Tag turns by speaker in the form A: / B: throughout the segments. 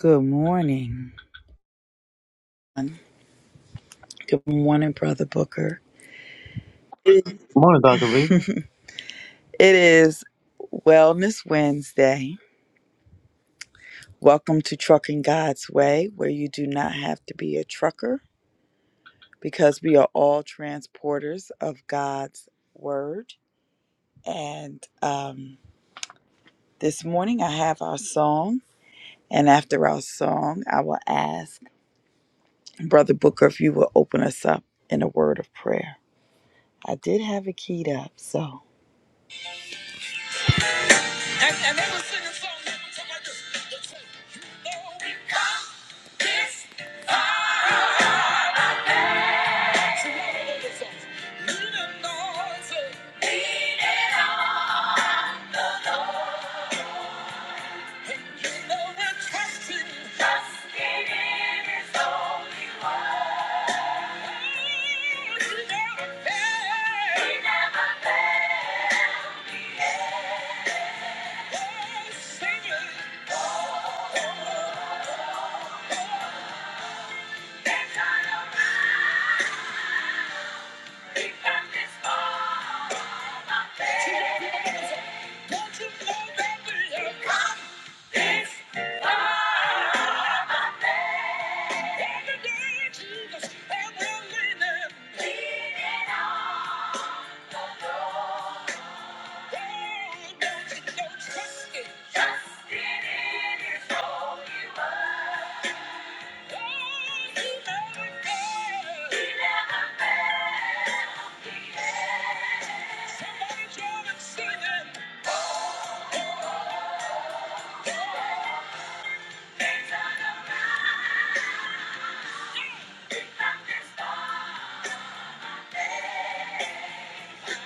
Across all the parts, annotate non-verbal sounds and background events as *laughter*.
A: Good morning. Good morning, Brother Booker.
B: Morning, Dr. Viva.
A: It is Wellness Wednesday. Welcome to Trucking God's Way, where you do not have to be a trucker because we are all transporters of God's Word. And um, this morning I have our song. And after our song, I will ask Brother Booker if you will open us up in a word of prayer. I did have it keyed up, so. And, and they were singing songs that were something like this. They said, You know we come this far. So what are those songs? Needing noise. Needing all. And you know we're trusting. Trusting in His holy word. Oh, He never fails. He never fails. He is. Oh, sing it. There's no Jesus, and we're leaning, leaning on the Lord. Yeah. Yeah.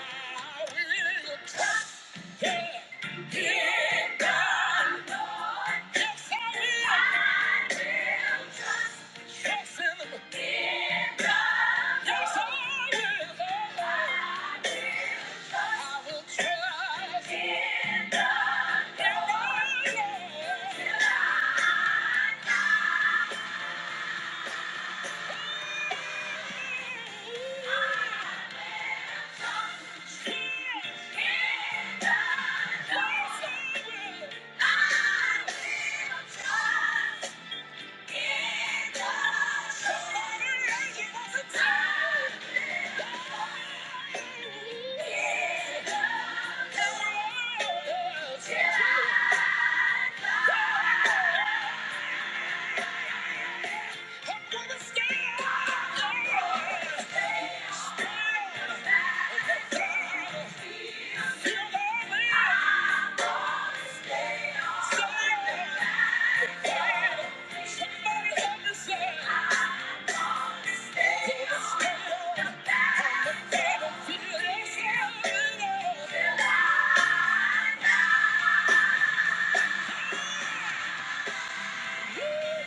A: Yeah. feel it, feel it, feel Yeah. Yeah.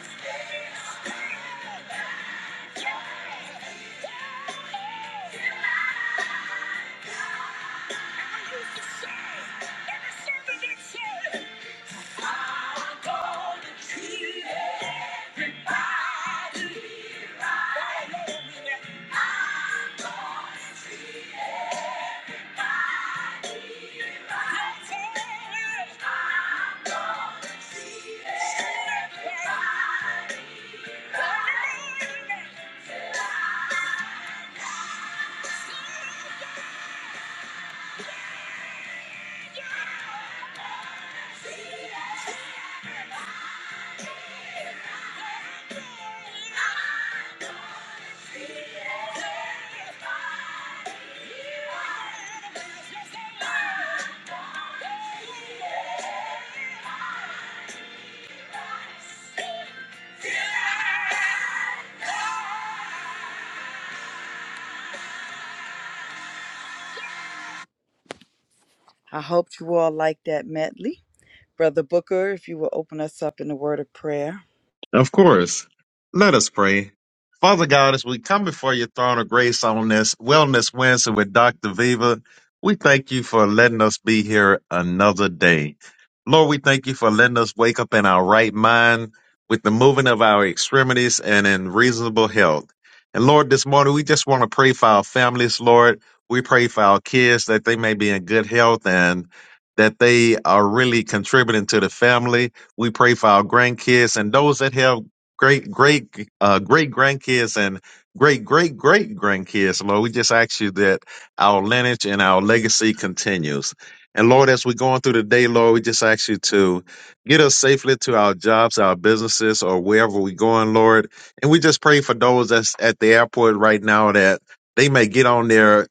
A: Everybody. Yeah. I hope you all like that medley. Brother Booker, if you will open us up in the word of prayer.
B: Of course. Let us pray. Father God, as we come before your throne of grace on this Wellness Wednesday with Dr. Viva, we thank you for letting us be here another day. Lord, we thank you for letting us wake up in our right mind with the moving of our extremities and in reasonable health. And Lord, this morning we just want to pray for our families, Lord. We pray for our kids that they may be in good health and that they are really contributing to the family. We pray for our grandkids and those that have great, great, uh, great grandkids and great, great, great grandkids. Lord, we just ask you that our lineage and our legacy continues. And Lord, as we're going through the day, Lord, we just ask you to get us safely to our jobs, our businesses, or wherever we're going, Lord. And we just pray for those that's at the airport right now that they may get on their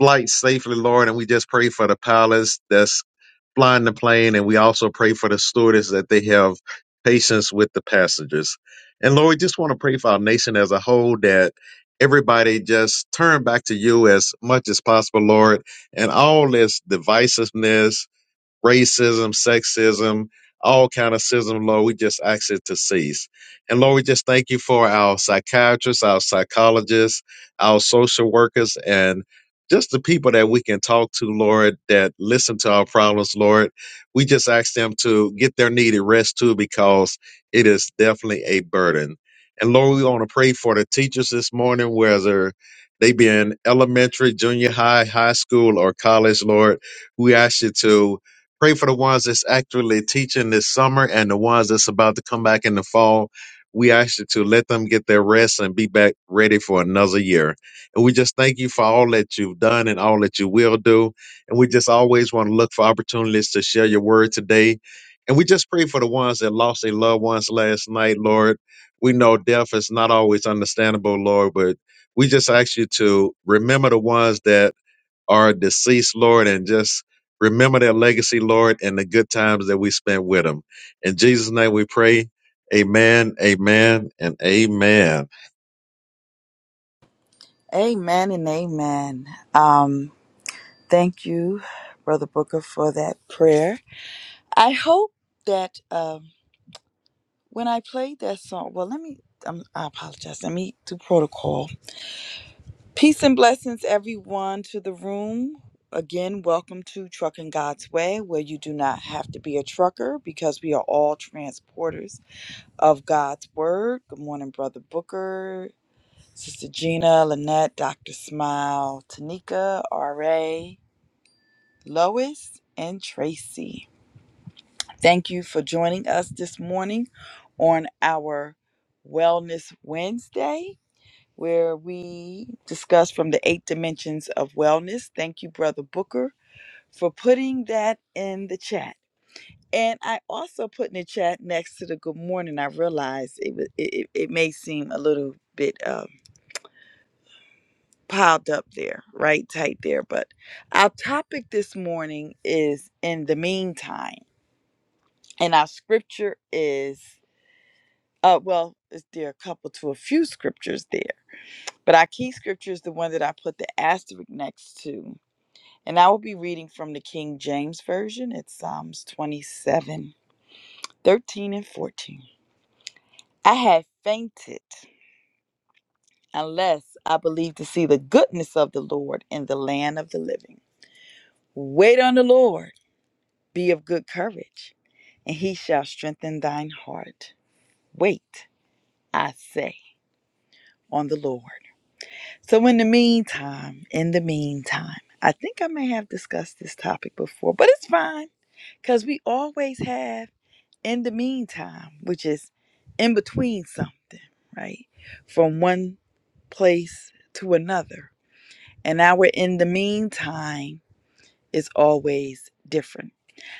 B: flight safely, Lord. And we just pray for the pilots that's flying the plane, and we also pray for the stewardess that they have patience with the passengers. And Lord, we just want to pray for our nation as a whole that everybody just turn back to you as much as possible, Lord, and all this divisiveness racism, sexism, all kind of sism, Lord. We just ask it to cease. And Lord, we just thank you for our psychiatrists, our psychologists, our social workers, and just the people that we can talk to, Lord, that listen to our problems, Lord. We just ask them to get their needed rest too, because it is definitely a burden. And Lord, we want to pray for the teachers this morning, whether they be in elementary, junior high, high school, or college, Lord. We ask you to Pray for the ones that's actually teaching this summer and the ones that's about to come back in the fall. We ask you to let them get their rest and be back ready for another year. And we just thank you for all that you've done and all that you will do. And we just always want to look for opportunities to share your word today. And we just pray for the ones that lost their loved ones last night, Lord. We know death is not always understandable, Lord, but we just ask you to remember the ones that our deceased Lord and just remember their legacy, Lord, and the good times that we spent with them. In Jesus' name we pray. Amen, amen, and amen.
A: Amen and amen. Um, thank you, Brother Booker, for that prayer. I hope that um, when I played that song, well, let me, um, I apologize. Let me do protocol. Peace and blessings, everyone, to the room. Again, welcome to Trucking God's Way, where you do not have to be a trucker because we are all transporters of God's Word. Good morning, Brother Booker, Sister Gina, Lynette, Dr. Smile, Tanika, R.A., Lois, and Tracy. Thank you for joining us this morning on our Wellness Wednesday where we discuss from the eight dimensions of wellness. Thank you, Brother Booker, for putting that in the chat. And I also put in the chat next to the good morning. I realized it was, it, it it may seem a little bit um, piled up there, right tight there. But our topic this morning is in the meantime, and our scripture is uh well, is there are a couple to a few scriptures there, but our key scripture is the one that I put the asterisk next to And I will be reading from the King James Version. It's Psalms 27, 13 and 14. I had fainted unless I believed to see the goodness of the Lord in the land of the living. Wait on the Lord, be of good courage, and he shall strengthen thine heart. Wait, I say, on the Lord. So, in the meantime, in the meantime, I think I may have discussed this topic before, but it's fine because we always have. in the meantime, which is in between something, right? From one place to another. And our in the meantime is always different.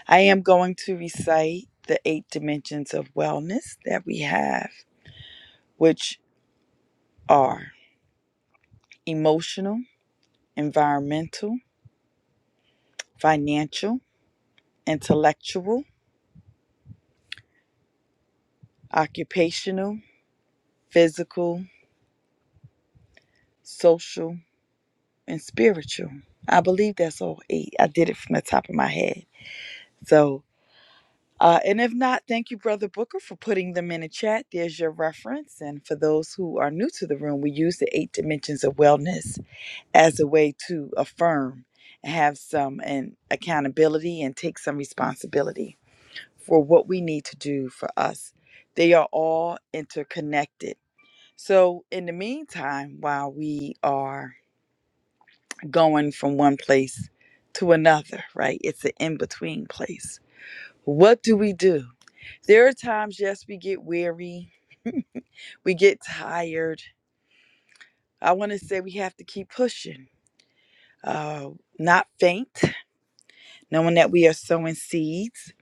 A: I am going to recite the eight dimensions of wellness that we have, which are emotional, environmental, financial, intellectual, occupational, physical, social, and spiritual. I believe that's all eight. I did it from the top of my head. So, uh, and if not, thank you, Brother Booker, for putting them in the chat. There's your reference. And for those who are new to the room, we use the eight dimensions of wellness as a way to affirm and have some and accountability and take some responsibility for what we need to do for us. They are all interconnected. So, in the meantime, while we are going from one place to another, right? It's an in between place. What do we do? There are times, yes, we get weary, we get tired. I want to say we have to keep pushing, uh, not faint, knowing that we are sowing seeds.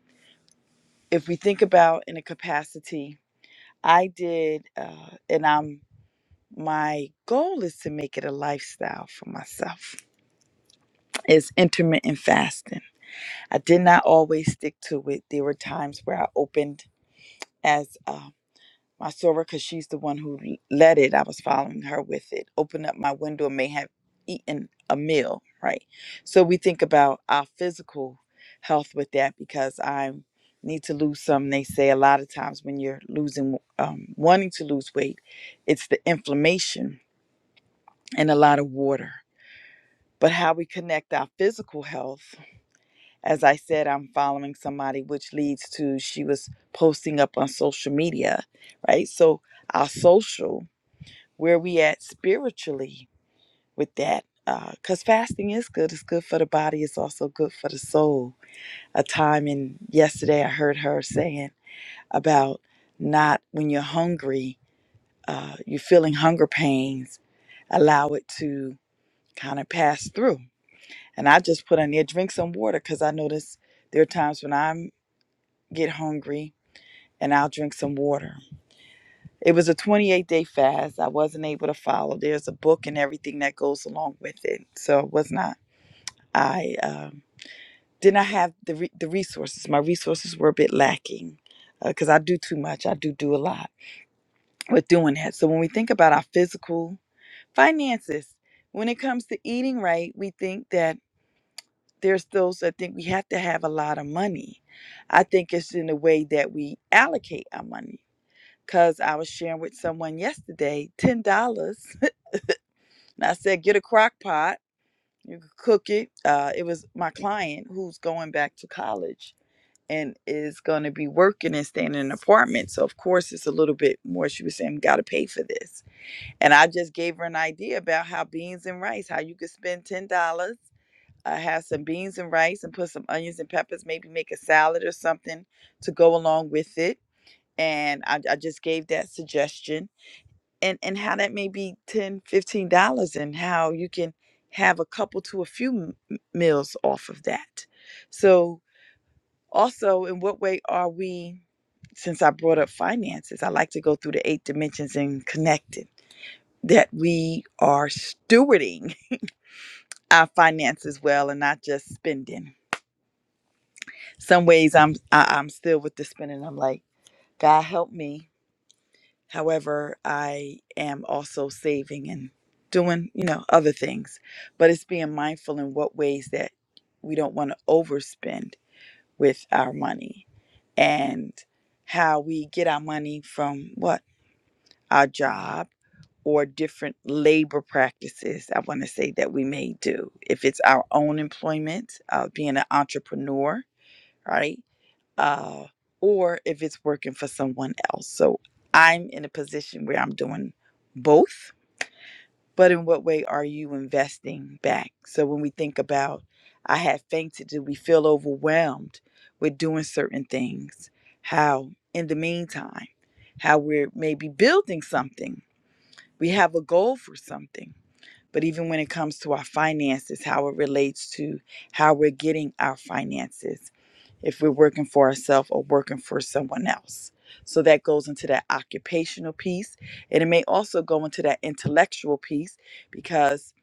A: If we think about in a capacity, I did, uh, and I'm my goal is to make it a lifestyle for myself. It's intermittent fasting. I did not always stick to it. There were times where I opened as um, my soror, because she's the one who l- led it. I was following her with it. Open up my window and may have eaten a meal, right? So we think about our physical health with that because I need to lose some. They say a lot of times when you're losing, um, wanting to lose weight, it's the inflammation and a lot of water. But how we connect our physical health as I said, I'm following somebody, which leads to she was posting up on social media, right? So our social, where we at spiritually with that, because fasting is good. It's good for the body. It's also good for the soul. A time in yesterday, I heard her saying about not when you're hungry, uh, you're feeling hunger pains. Allow it to kind of pass through. And I just put on there, drink some water, because I notice there are times when I'm get hungry and I'll drink some water. It was a 28 day fast. I wasn't able to follow. There's a book and everything that goes along with it. So it was not, I um, did not have the, re- the resources. My resources were a bit lacking because I do too much. I do do a lot with doing that. So when we think about our physical finances, when it comes to eating right, we think that there's those that think we have to have a lot of money. I think it's in the way that we allocate our money because I was sharing with someone yesterday $10. *laughs* and I said, get a crock pot, you can cook it. Uh, it was my client who's going back to college and is going to be working and staying in an apartment. So, of course, it's a little bit more. She was saying, got to pay for this. And I just gave her an idea about how beans and rice, how you could spend $10. Uh, have some beans and rice and put some onions and peppers, maybe make a salad or something to go along with it. And I, I just gave that suggestion and and how that may be 10 15 dollars and how you can have a couple to a few m- m- meals off of that so also in what way are we since i brought up finances i like to go through the eight dimensions and connect it that we are stewarding *laughs* our finances well and not just spending some ways i'm I, i'm still with the spending i'm like god help me However, I am also saving and doing, you know, other things. But it's being mindful in what ways that we don't want to overspend with our money and how we get our money from what? Our job or different labor practices, I want to say that we may do. If it's our own employment, uh, being an entrepreneur, right? uh, or if it's working for someone else. So I'm in a position where I'm doing both, but in what way are you investing back? So when we think about, I had fainted, do we feel overwhelmed with doing certain things? How, in the meantime, how we're maybe building something, we have a goal for something but even when it comes to our finances, how it relates to how we're getting our finances, if we're working for ourselves or working for someone else. So that goes into that occupational piece. And it may also go into that intellectual piece because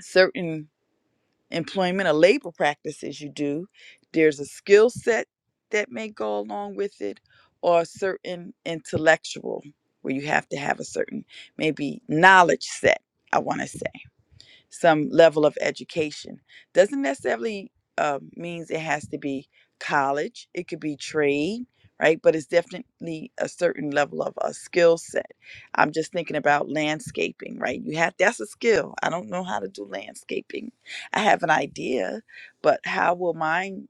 A: certain employment or labor practices you do, there's a skill set that may go along with it or a certain intellectual where you have to have a certain maybe knowledge set, I want to say some level of education. Doesn't necessarily uh, means it has to be college. It could be trade, right? But it's definitely a certain level of a skill set. I'm just thinking about landscaping, right? You have that's a skill. I don't know how to do landscaping. I have an idea, but how will mine?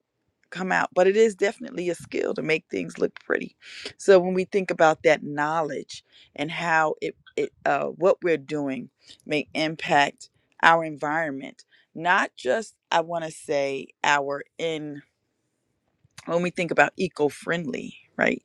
A: come out but it is definitely a skill to make things look pretty so when we think about that knowledge and how it, it uh, what we're doing may impact our environment not just i want to say our in when we think about eco-friendly right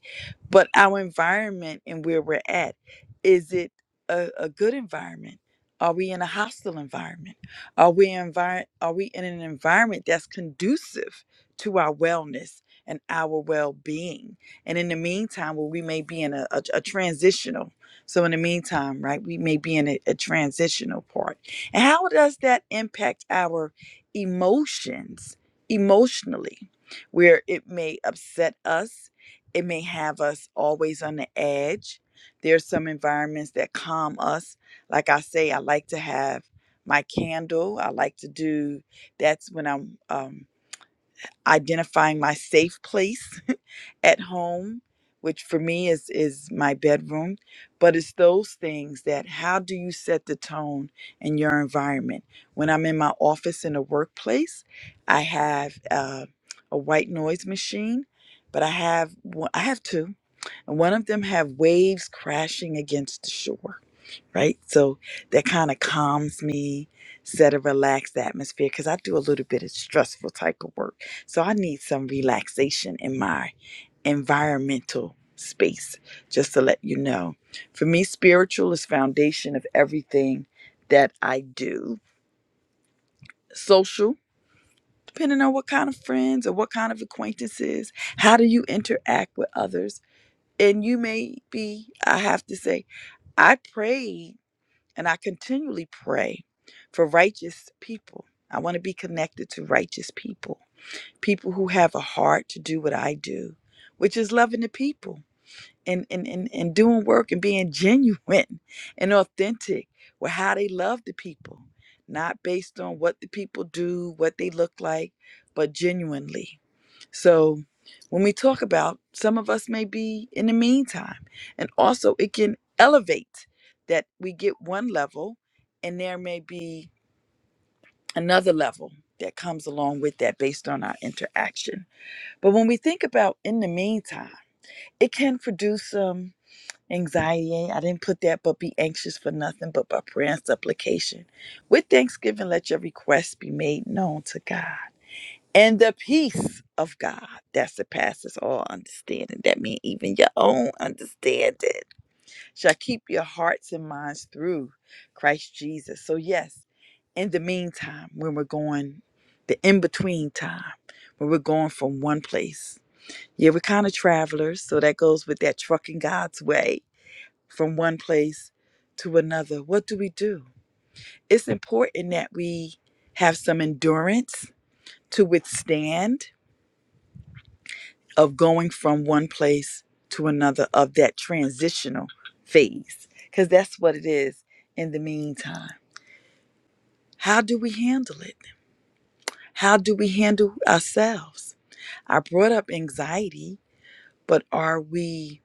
A: but our environment and where we're at is it a, a good environment are we in a hostile environment are we envir- are we in an environment that's conducive to our wellness and our well-being and in the meantime well, we may be in a, a, a transitional so in the meantime right we may be in a, a transitional part and how does that impact our emotions emotionally where it may upset us. It may have us always on the edge. There's some environments that calm us. Like I say, I like to have my candle. I like to do that's when I'm um identifying my safe place *laughs* at home which for me is is my bedroom but it's those things that how do you set the tone in your environment when i'm in my office in the workplace i have uh, a white noise machine but i have one- i have two and one of them have waves crashing against the shore right? So that kind of calms me, set a relaxed atmosphere because I do a little bit of stressful type of work. So I need some relaxation in my environmental space, just to let you know. For me, spiritual is foundation of everything that I do. Social, depending on what kind of friends or what kind of acquaintances, how do you interact with others? And you may be, I have to say, I prayed And I continually pray for righteous people. I want to be connected to righteous people, people who have a heart to do what I do, which is loving the people and, and, and, and doing work and being genuine *laughs* and authentic with how they love the people, not based on what the people do, what they look like, but genuinely. So when we talk about some of us may be in the meantime, and also it can elevate that we get one level and there may be another level that comes along with that based on our interaction. But when we think about in the meantime, it can produce some anxiety. I didn't put that, but be anxious for nothing but by prayer and supplication. With thanksgiving, let your requests be made known to God and the peace of God that surpasses all understanding. That means even your own understanding shall keep your hearts and minds through Christ Jesus. So, yes, in the meantime, when we're going, the in between time, when we're going from one place, yeah, we're kind of travelers. So that goes with that trucking God's way from one place to another. What do we do? It's important that we have some endurance to withstand of going from one place to another of that transitional phase because that's what it is in the meantime how do we handle it how do we handle ourselves i brought up anxiety but are we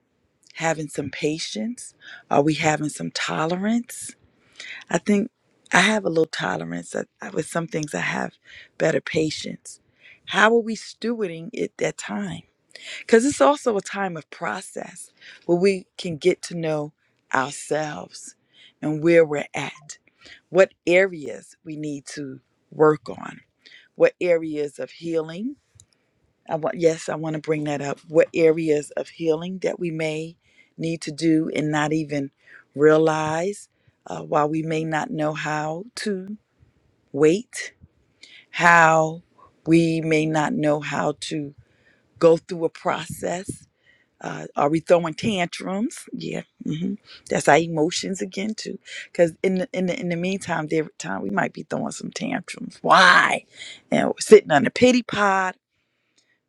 A: having some patience are we having some tolerance i think i have a little tolerance I, I- with some things i have better patience how are we stewarding it that time Because it's also a time of process where we can get to know ourselves and where we're at, what areas we need to work on, what areas of healing. I want, yes, I want to bring that up. What areas of healing that we may need to do and not even realize, uh, while we may not know how to wait, how we may not know how to go through a process uh, are we throwing tantrums? Yeah, hmm that's our emotions again too. Because in the, in the in the meantime, every time we might be throwing some tantrums. Why? And we're sitting on the pity pod.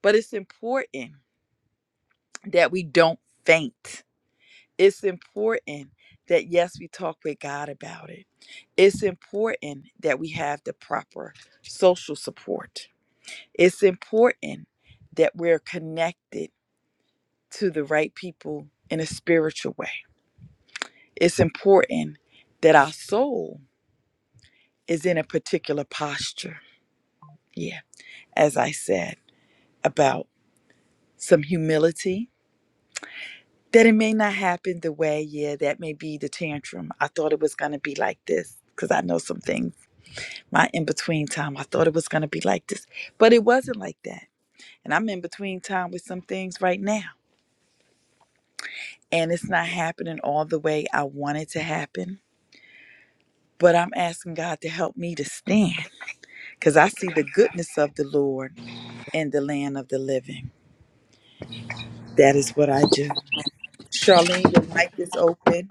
A: But it's important that we don't faint. It's important that yes, we talk with God about it. It's important that we have the proper social support. It's important that we're connected to the right people in a spiritual way it's important that our soul is in a particular posture. Yeah. As I said about some humility, that it may not happen the way, yeah, that may be the tantrum. I thought it was going to be like this because I know some things. My in between time, I thought it was going to be like this, but it wasn't like that. And I'm in between time with some things right now, and it's not happening all the way I want it to happen. But I'm asking God to help me to stand because I see the goodness of the Lord in the land of the living. That is what I do. Charlene, your mic is open.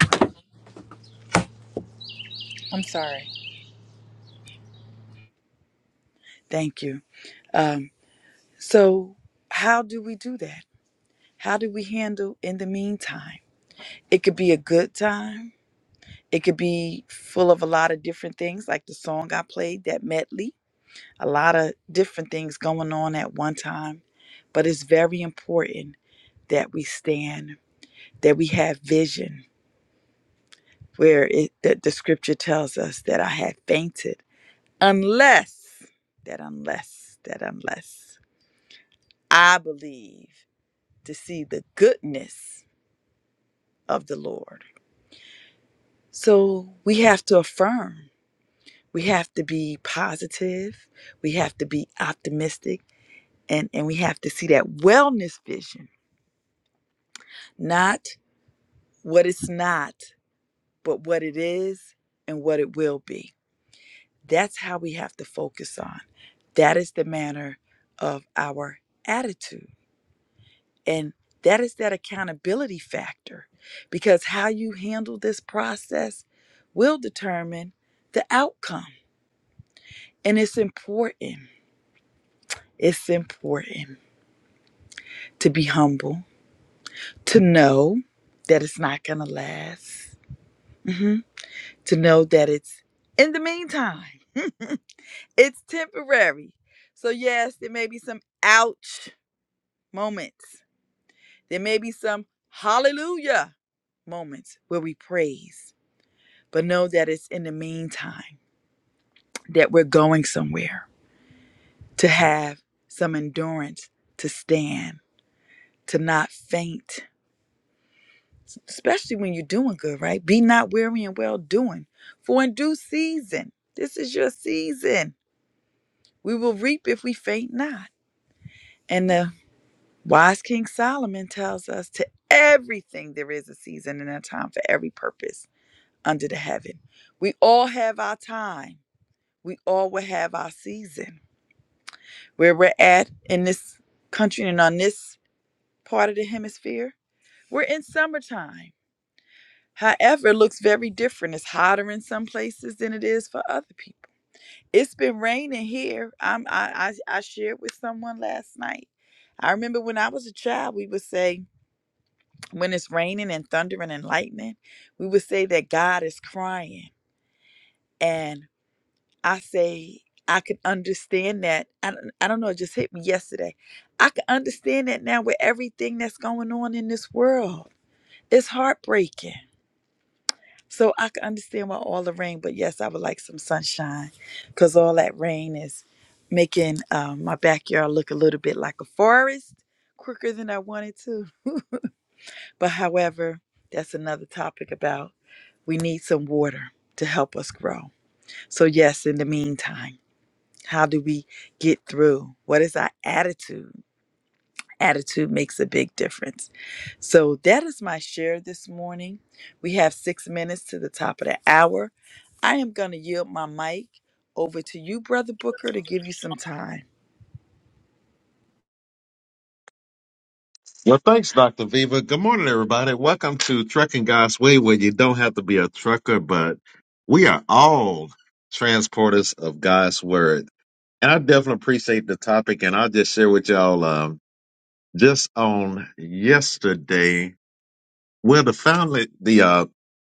C: I'm sorry.
A: Thank you. Um, so, how do we do that? How do we handle in the meantime? It could be a good time. It could be full of a lot of different things, like the song I played, that medley, a lot of different things going on at one time. But it's very important that we stand, that we have vision, where it, that the scripture tells us that I had fainted unless that unless that unless i believe to see the goodness of the lord so we have to affirm we have to be positive we have to be optimistic and and we have to see that wellness vision not what it's not but what it is and what it will be that's how we have to focus on that is the manner of our attitude And that is that accountability factor because how you handle this process will determine the outcome. And it's important, it's important to be humble, to know that it's not going to last, Mhm. to know that it's in the meantime, it's temporary. So, yes, there may be some ouch moments, there may be some hallelujah moments where we praise. but know that it's in the meantime that we're going somewhere to have some endurance to stand to not faint especially when you're doing good right be not weary and well doing for in due season this is your season we will reap if we faint not and the wise king solomon tells us to everything there is a season and a time for every purpose under the heaven we all have our time we all will have our season where we're at in this country and on this part of the hemisphere. We're in summertime. However, it looks very different. It's hotter in some places than it is for other people. It's been raining here. I'm, I, I, I shared with someone last night. I remember when I was a child, we would say, when it's raining and thundering and lightning, we would say that God is crying. and. I say I could understand that. I don't, I don't know. It just hit me yesterday. I can understand that now with everything that's going on in this world. It's heartbreaking. So I can understand why all the rain. But yes, I would like some sunshine because all that rain is making um, my backyard look a little bit like a forest quicker than I wanted to. But however, that's another topic about we need some water to help us grow. So yes, in the meantime. How do we get through? What is our attitude? Attitude makes a big difference. So that is my share this morning. We have six minutes to the top of the hour. I am going to yield my mic over to you, Brother Booker, to give you some time.
B: Well, thanks, Dr. Viva. Good morning, everybody. Welcome to Trucking God's Way, where you don't have to be a trucker, but we are all transporters of God's Word. And I definitely appreciate the topic, and I'll just share with y'all um, just on yesterday. Well, the family, the uh,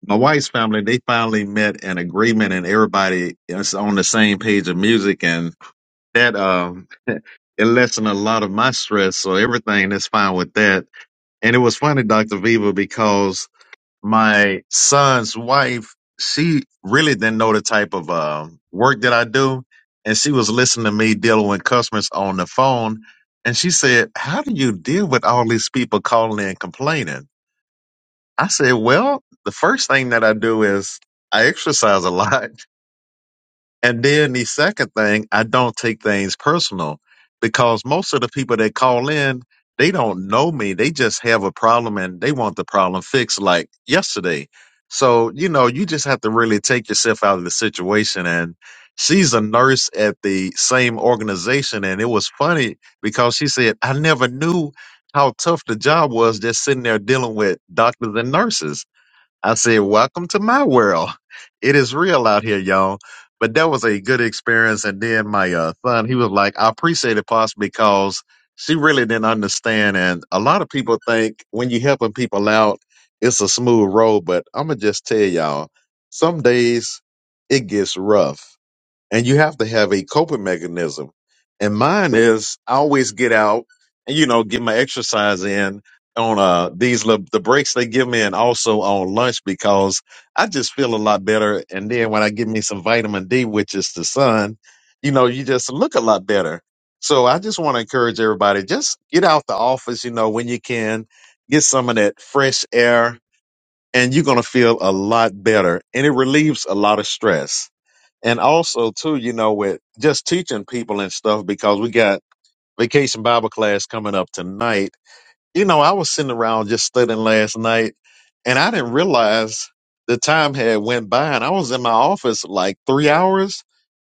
B: my wife's family, they finally met an agreement, and everybody is on the same page of music, and that um, *laughs* it lessened a lot of my stress. So everything is fine with that. And it was funny, Doctor Viva, because my son's wife, she really didn't know the type of uh, work that I do, and she was listening to me dealing with customers on the phone, and she said, "How do you deal with all these people calling in complaining?" I said, well, the first thing that I do is I exercise a lot. *laughs* And then the second thing, I don't take things personal because most of the people that call in, they don't know me. They just have a problem and they want the problem fixed like yesterday. So, you know, you just have to really take yourself out of the situation. And she's a nurse at the same organization. And it was funny because she said, I never knew how tough the job was just sitting there dealing with doctors and nurses. I said, Welcome to my world. It is real out here, y'all. But that was a good experience. And then my uh, son, he was like, I appreciate it, Pops, because she really didn't understand. And a lot of people think when you're helping people out, it's a smooth road. But I'm going to just tell y'all, some days it gets rough and you have to have a coping mechanism. And mine is I always get out and you know get my exercise in on uh these little, the breaks they give me and also on lunch because I just feel a lot better. And then when I give me some vitamin D, which is the sun, you know, you just look a lot better. So I just want to encourage everybody just get out the office, you know, when you can get some of that fresh air and you're going to feel a lot better and it relieves a lot of stress and also too, you know, with just teaching people and stuff because we got vacation Bible class coming up tonight. You know, I was sitting around just studying last night, and I didn't realize the time had went by, and I was in my office like three hours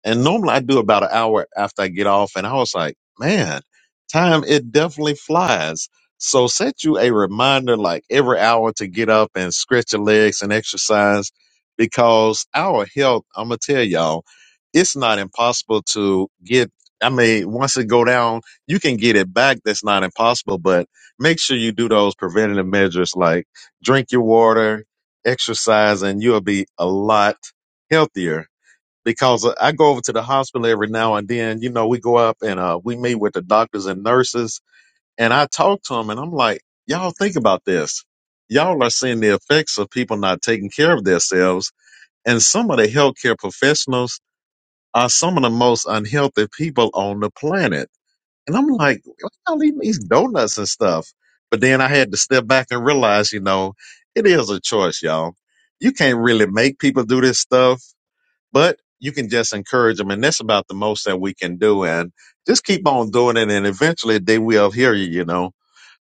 B: and normally I do about an hour after I get off. And I was like, man, time, it definitely flies. So set you a reminder like every hour to get up and stretch your legs and exercise because our health, I'm going to tell y'all, it's not impossible to get. I mean, once it go down, you can get it back. That's not impossible, but make sure you do those preventative measures like drink your water, exercise, and you'll be a lot healthier because I go over to the hospital every now and then. You know, we go up and uh, we meet with the doctors and nurses, and I talk to them, and I'm like, y'all think about this. Y'all are seeing the effects of people not taking care of themselves, and some of the healthcare professionals are some of the most unhealthy people on the planet. And I'm like, why y'all eating these donuts and stuff? But then I had to step back and realize, you know, it is a choice, y'all. You can't really make people do this stuff but you can just encourage them. And that's about the most that we can do. And just keep on doing it. And eventually they will hear you, you know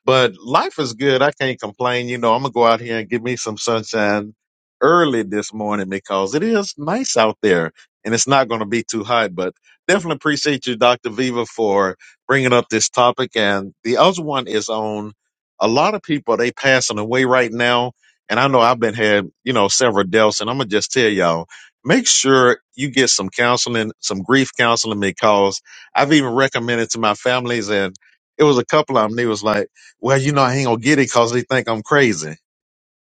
B: but life is good. I can't complain. You know, I'm gonna go out here and give me some sunshine early this morning because it is nice out there and it's not going to be too hot. But definitely appreciate you, Dr. Viva, for bringing up this topic. And the other one is on a lot of people they passing away right now. And I know I've been had you know several deaths, and I'm gonna just tell y'all. Make sure you get some counseling, some grief counseling, because I've even recommended to my families, and it was a couple of them. They was like well, you know, I ain't gonna get it because they think I'm crazy.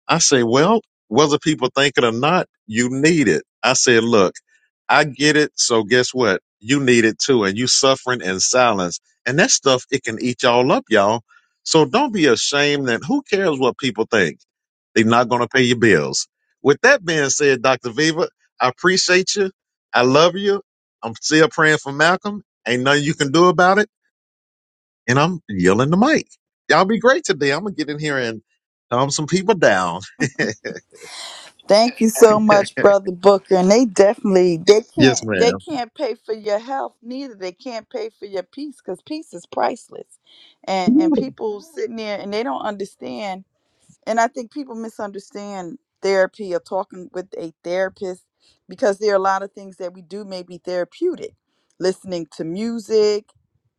B: I say, well, whether people think it or not, you need it. I said, look, I get it. So guess what? You need it too. And you suffering in silence. And that stuff, it can eat y'all up, y'all. So don't be ashamed that who cares what people think? They're not going to pay your bills. With that being said, Dr. Viva, I appreciate you. I love you. I'm still praying for Malcolm. Ain't nothing you can do about it and I'm yelling the mic. Y'all be great today. I'm gonna get in here and calm some people down. *laughs*
A: Thank you so much, Brother Booker. And they definitely they
B: yes,
A: can't they
B: ma'am.
A: can't pay for your health neither. They can't pay for your peace because peace is priceless. And and people sitting there and they don't understand and I think people misunderstand therapy or talking with a therapist because there are a lot of things that we do may be therapeutic, listening to music,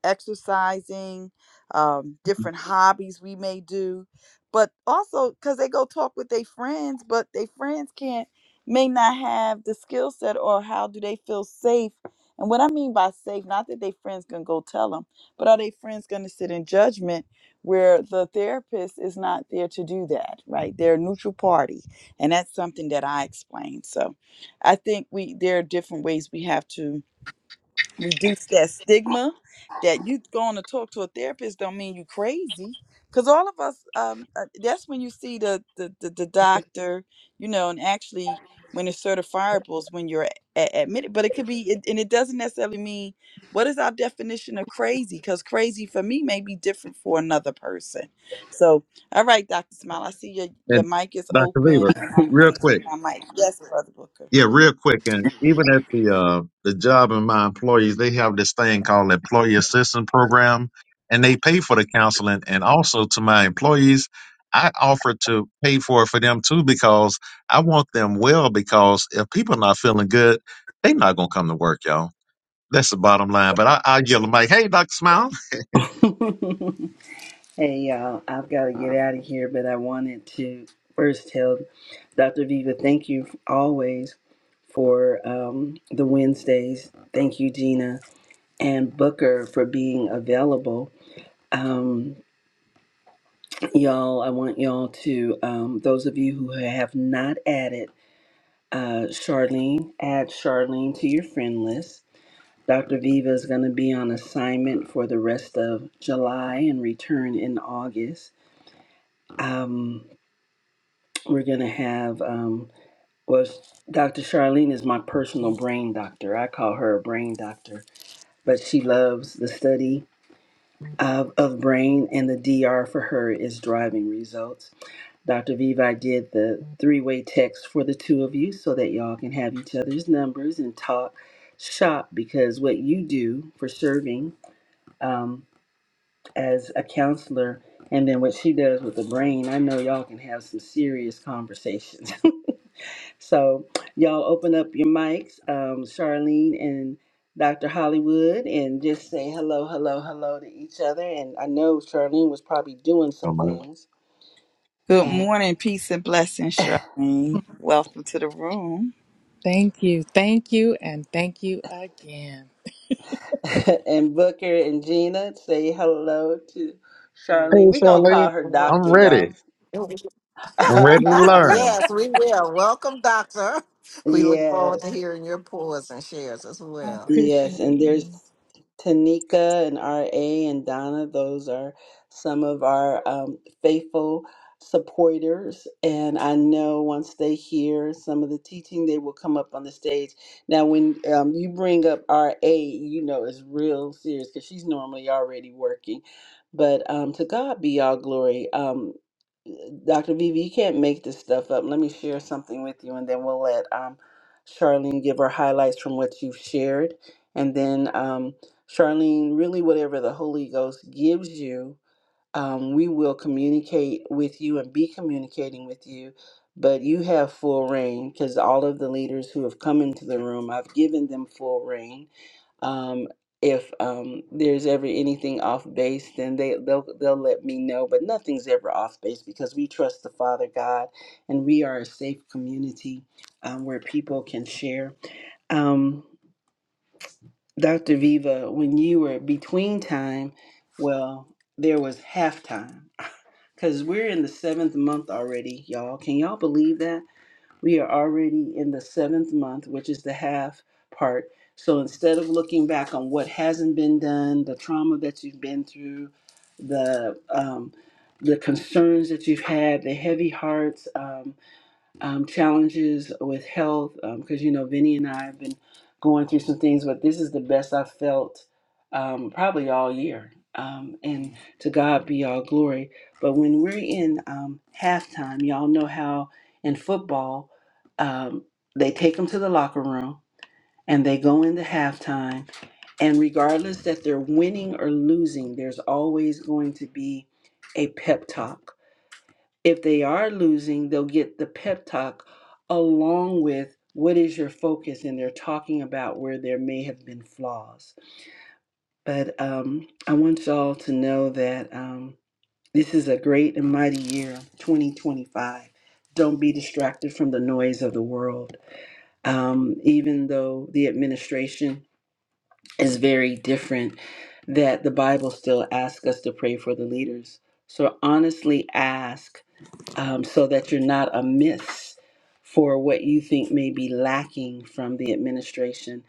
A: exercising, um, different hobbies we may do, but also because they go talk with their friends, but their friends can't may not have the skill set or how do they feel safe. And what I mean by safe, not that their friends gonna go tell them, but are they friends gonna sit in judgment? where the therapist is not there to do that, right? They're a neutral party. And that's something that I explained. So I think we there are different ways we have to reduce that stigma that you going to talk to a therapist don't mean you crazy because all of us um uh, that's when you see the, the the the doctor you know and actually when it's certifiables when you're a- admitted but it could be it, and it doesn't necessarily mean what is our definition of crazy because crazy for me may be different for another person so all right dr smile i see your your
B: And
A: mic is
B: Dr.
A: open
B: Viva,
A: and i'm
B: real
A: gonna get
B: quick.
A: my mic yes brother booker
B: Yeah, real quick. And even at the uh the job and my employees, they have this thing called employee assistance program and they pay for the counseling and also to my employees. I offer to pay for it for them too because I want them well because if people not feeling good, they not gonna come to work, y'all That's the bottom line. But I, I'll yell I'm like, hey, Dr. Smile.
D: *laughs* Hey y'all, I've got to get out of here, but I wanted to first tell Dr. Viva thank you always for um, the Wednesdays. Thank you, Gina and Booker, for being available. Um, y'all, I want y'all to, um, those of you who have not added uh, Charlene, add Charlene to your friend list. Dr. Viva is going to be on assignment for the rest of July and return in August. Um, we're gonna have um, well, Dr. Charlene is my personal brain doctor. I call her a brain doctor, but she loves the study of, of brain, and the D R for her is driving results. Dr. Vivi did the three-way text for the two of you so that y'all can have each other's numbers and talk shop because what you do for serving um, as a counselor and then what she does with the brain, I know y'all can have some serious conversations. *laughs* So, y'all open up your mics, um, Charlene and Dr. Hollywood, and just say hello, hello, hello to each other. And I know Charlene was probably doing some
B: I'm like,
D: things.
A: Good
D: And,
A: morning, peace and blessings, Charlene. Welcome to the room.
C: Thank you. Thank you. And thank you again.
D: *laughs* and Booker and Gina say hello to
B: hey,
E: Mm,
D: Charlene. We're going to
B: Charlene,
D: call her
E: Well,
B: I'm
D: Doctor, y'all.
B: ready.
E: *laughs*
B: I'm ready to
D: *laughs*
B: learn.
E: yes, we will. Welcome, Doctor. *laughs* We look forward
D: yes.
E: to
C: Aw,
E: hearing your pores and shares as
C: I
E: well.
D: Yes,
C: appreciate
D: and
C: you.
D: there's Tanika and RA and Donna. Those are some of our um, faithful supporters. And I know once they hear some of the teaching, they will come up on the stage. Now, when um, you bring up RA, you know it's real serious because she's normally already working. But um, to God be all glory. Um, Dr. Vivi, you can't make this stuff up. Let me share something with you, and then we'll let um, Charlene give her highlights from what you've shared. And then, um, Charlene, really, whatever the Holy Ghost gives you, um, we will communicate with you and be communicating with you. But you have full reign because all of the leaders who have come into the room, I've given them full reign. Um, if um, there's ever anything off base, then they they'll they'll let me know. But nothing's ever off base because we trust the Father God, and we are a safe community um, where people can share. Um, Dr. Viva, when you were between time, well, there was halftime. *laughs* Because we're in the seventh month already, y'all. Can y'all believe that? We are already in the seventh month, which is the half part. So instead of looking back on what hasn't been done, the trauma that you've been through, the um, the concerns that you've had, the heavy hearts, um, um, challenges with health because you know Vinny and I have been going through some things, but this is the best I've felt um, probably all year. Um, and to God be all glory. But when we're in um, halftime, y'all know how in football um, they take them to the locker room and they go into halftime. And regardless that they're winning or losing, there's always going to be a pep talk if they are losing, they'll get the pep talk along with what is your focus, and they're talking about where there may have been flaws. But um, I want y'all to know that um, this is a great and mighty year, 2025. Don't be distracted from the noise of the world. Um, even though the administration is very different, that the Bible still asks us to pray for the leaders. So honestly ask um, so that you're not amiss for what you think may be lacking from the administration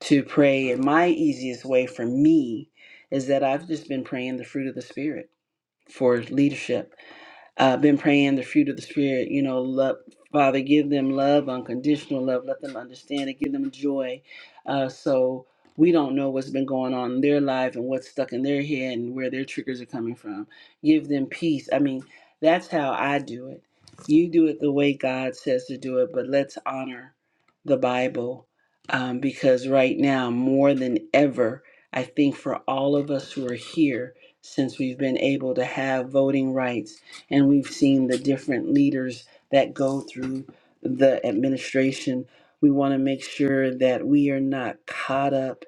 D: to pray. And my easiest way for me is that I've just been praying the fruit of the Spirit for leadership uh, been praying the fruit of the spirit. You know, love, Father, give them love, unconditional love. Let them understand it. Give them joy. Uh, so we don't know what's been going on in their life and what's stuck in their head and where their triggers are coming from. Give them peace. I mean, that's how I do it. You do it the way God says to do it, but let's honor the Bible um, because right now, more than ever, I think for all of us who are here, since we've been able to have voting rights and we've seen the different leaders that go through the administration. We want to make sure that we are not caught up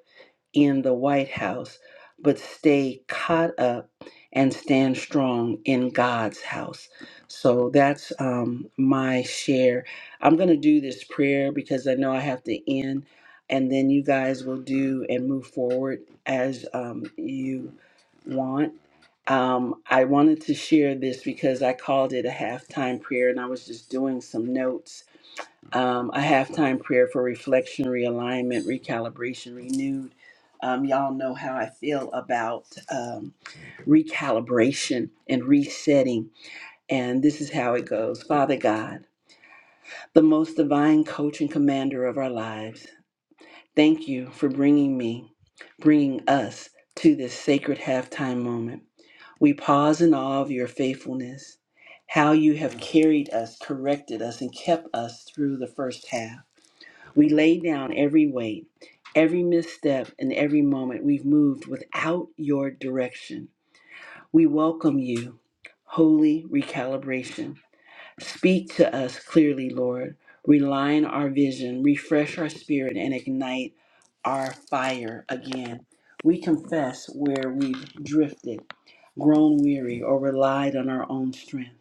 D: in the White House, but stay caught up and stand strong in God's house. So that's um, my share. I'm going to do this prayer because I know I have to end, and then you guys will do and move forward as um, you want. Um, I wanted to share this because I called it a halftime prayer and I was just doing some notes um, a halftime prayer for reflection, realignment, recalibration, renewed. Um, y'all know how I feel about um, recalibration and resetting. And this is how it goes Father God, the most divine coach and commander of our lives, thank you for bringing me, bringing us to this sacred halftime moment. We pause in awe of your faithfulness, how you have carried us, corrected us, and kept us through the first half. We lay down every weight, every misstep, and every moment we've moved without your direction. We welcome you, holy recalibration. Speak to us clearly, Lord. Realign our vision, refresh our spirit, and ignite our fire again. We confess where we've drifted, grown weary, or relied on our own strength,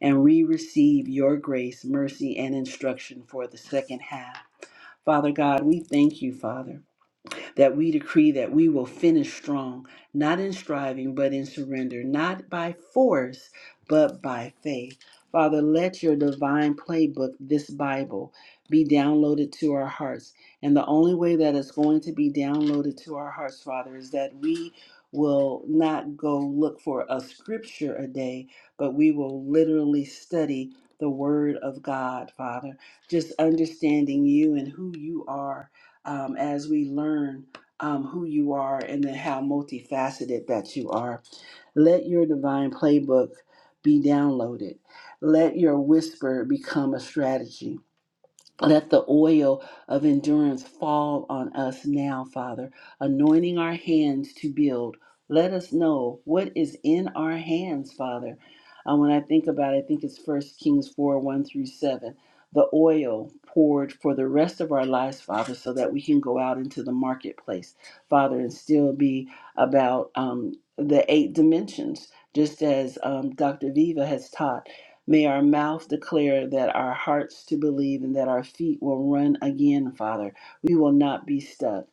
D: and we receive your grace, mercy, and instruction for the second half. Father God, we thank you, Father that we decree that we will finish strong, not in striving, but in surrender, not by force, but by faith. Father, let your divine playbook, this Bible, be downloaded to our hearts. And the only way that it's going to be downloaded to our hearts, Father, is that we will not go look for a scripture a day, but we will literally study the Word of God, Father. Just understanding you and who you are um, as we learn um, who you are and then how multifaceted that you are. Let your divine playbook be downloaded. Let your whisper become a strategy. Let the oil of endurance fall on us now, Father, anointing our hands to build. Let us know what is in our hands, Father. Uh, when I think about it, I think it's First Kings 4 1 through 7. The oil poured for the rest of our lives, Father, so that we can go out into the marketplace, Father, and still be about um, the eight dimensions, just as um, Dr. Viva has taught May our mouth declare that our hearts to believe and that our feet will run again, Father. We will not be stuck.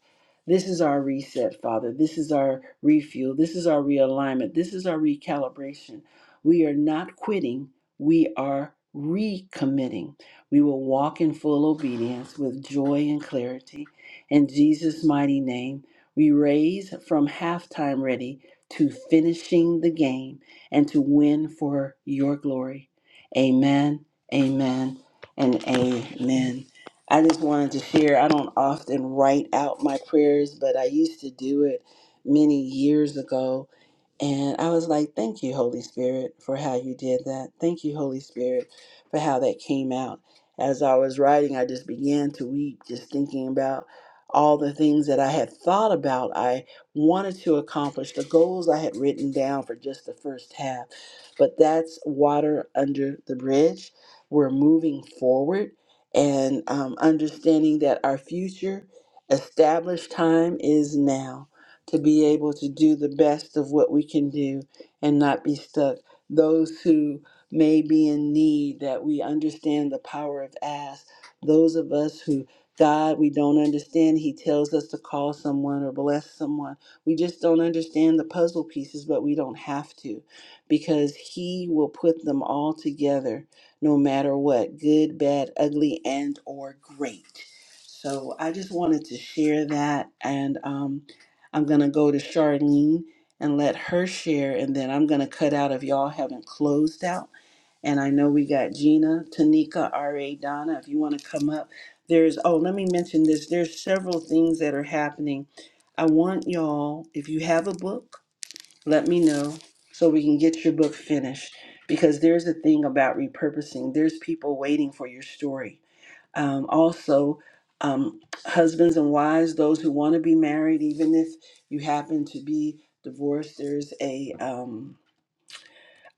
D: This is our reset, Father. This is our refuel. This is our realignment. This is our recalibration. We are not quitting, we are recommitting. We will walk in full obedience with joy and clarity. In Jesus' mighty name, we raise from halftime ready to finishing the game and to win for your glory. Amen, amen, and amen. I just wanted to share, I don't often write out my prayers, but I used to do it many years ago. And I was like, thank you, Holy Spirit, for how you did that. Thank you, Holy Spirit, for how that came out. As I was writing, I just began to weep, just thinking about all the things that I had thought about, I wanted to accomplish, the goals I had written down for just the first half. But that's water under the bridge. We're moving forward and um, understanding that our future established time is now to be able to do the best of what we can do and not be stuck. Those who may be in need, that we understand the power of ask. Those of us who God, we don't understand. He tells us to call someone or bless someone. We just don't understand the puzzle pieces, but we don't have to because he will put them all together no matter what good bad ugly and or great so i just wanted to share that and um, i'm going to go to charlene and let her share and then i'm going to cut out if y'all haven't closed out and I know we got Gina, Tanika, R.A. Donna. If you want to come up, there's, oh, let me mention this. There's several things that are happening. I want y'all, if you have a book, let me know so we can get your book finished because there's a thing about repurposing there's people waiting for your story um, also um, husbands and wives those who want to be married even if you happen to be divorced there's a um,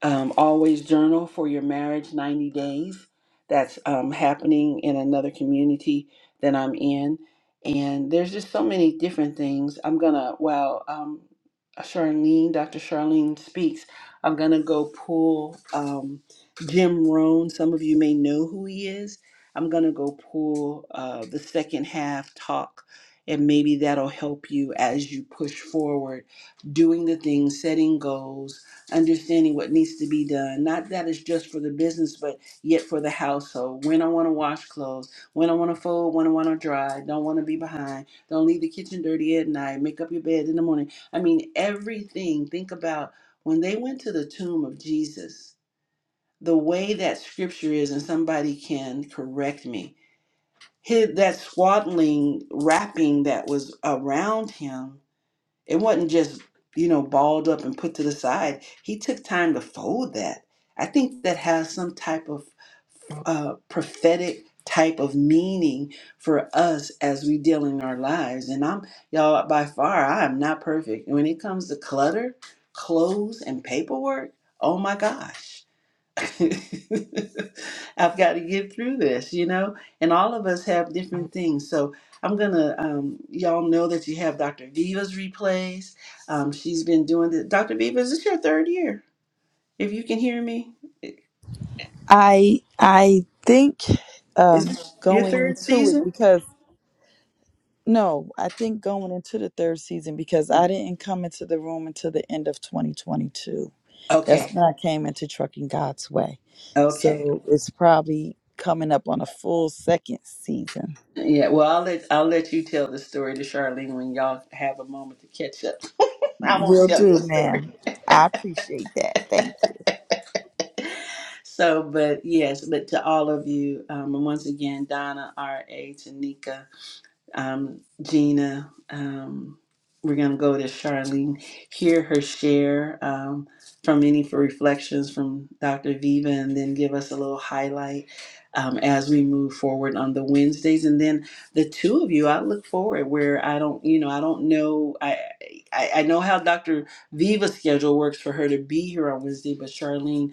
D: um, always journal for your marriage 90 days. That's um, happening in another community that I'm in. And there's just so many different things. I'm going to, while um, Charlene, Dr. Charlene speaks, I'm going to go pull um, Jim Rohn. Some of you may know who he is. I'm going to go pull uh, the second half talk, and maybe that'll help you as you push forward doing the things, setting goals understanding what needs to be done. Not that it's just for the business, but yet for the household. When I want to wash clothes, when I want to fold, when I want to dry, don't want to be behind, don't leave the kitchen dirty at night, make up your bed in the morning. I mean, everything. Think about when they went to the tomb of Jesus, the way that scripture is, and somebody can correct me. His, that swaddling wrapping that was around him it wasn't just, you know, balled up and put to the side. He took time to fold that. I think that has some type of uh, prophetic type of meaning for us as we deal in our lives. And I'm, y'all, by far, I am not perfect. When it comes to clutter, clothes, and paperwork, oh my gosh. *laughs* I've got to get through this, you know? And all of us have different things. So I'm going to, um, y'all know that you have Dr. Viva's replays. Um, she's been doing this. Dr. Viva, is this your third year? If you can hear me,
A: I I think
D: is
A: um
D: this your
A: going
D: third
A: into it
D: season?
A: because no, I think going into the third season because I didn't come into the room until the end of 2022. That's
D: Okay.
A: when I came into Trucking God's Way.
D: Okay.
A: So it's probably coming up on a full second season.
D: Yeah, well, I'll let I'll let you tell the story to Charlene when y'all have a moment to catch up. *laughs* I won't
A: Will
D: tell
A: do,
D: your story.
A: ma'am. I appreciate that. Thank you.
D: *laughs* So, but yes, but to all of you, um, and once again, Donna, R.A., Tanika, um, Gina, um, we're going to go to Charlene, hear her share um, from any for reflections from Dr. Viva, and then give us a little highlight um, as we move forward on the Wednesdays. And then the two of you, I look forward where I don't, you know, I don't know, I, I, I know how Dr. Viva's schedule works for her to be here on Wednesday, but Charlene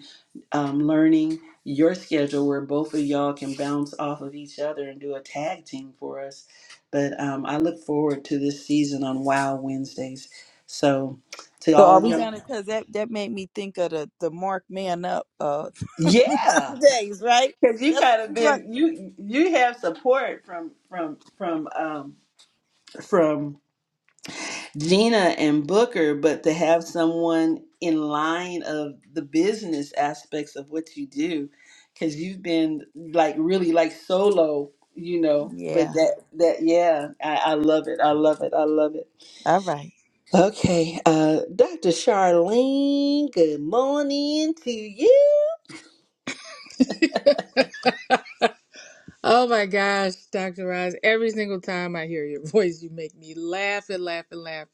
D: um, learning your schedule where both of y'all can bounce off of each other and do a tag team for us. But um, I look forward to this season on Wow Wednesdays. So to
A: So
D: all
A: are
D: of
A: we
D: y'all,
A: gonna? Cause that that made me think of the the Mark Man Up uh *laughs*
D: yeah,
A: days, right?
D: because you
A: That's
D: kind
A: what
D: of
A: you want.
D: been you you have support from from from um, from Gina and Booker, but to have someone in line of the business aspects of what you do, because you've been like really like solo, you know.
A: Yeah.
D: But that that yeah, I, I love it. I love it. I love it.
A: All right.
D: Okay, uh, Dr. Charlene, good morning to you.
C: Oh my gosh, Dr. Roz, every single time I hear your *laughs* voice, you make me laugh and laugh and laugh.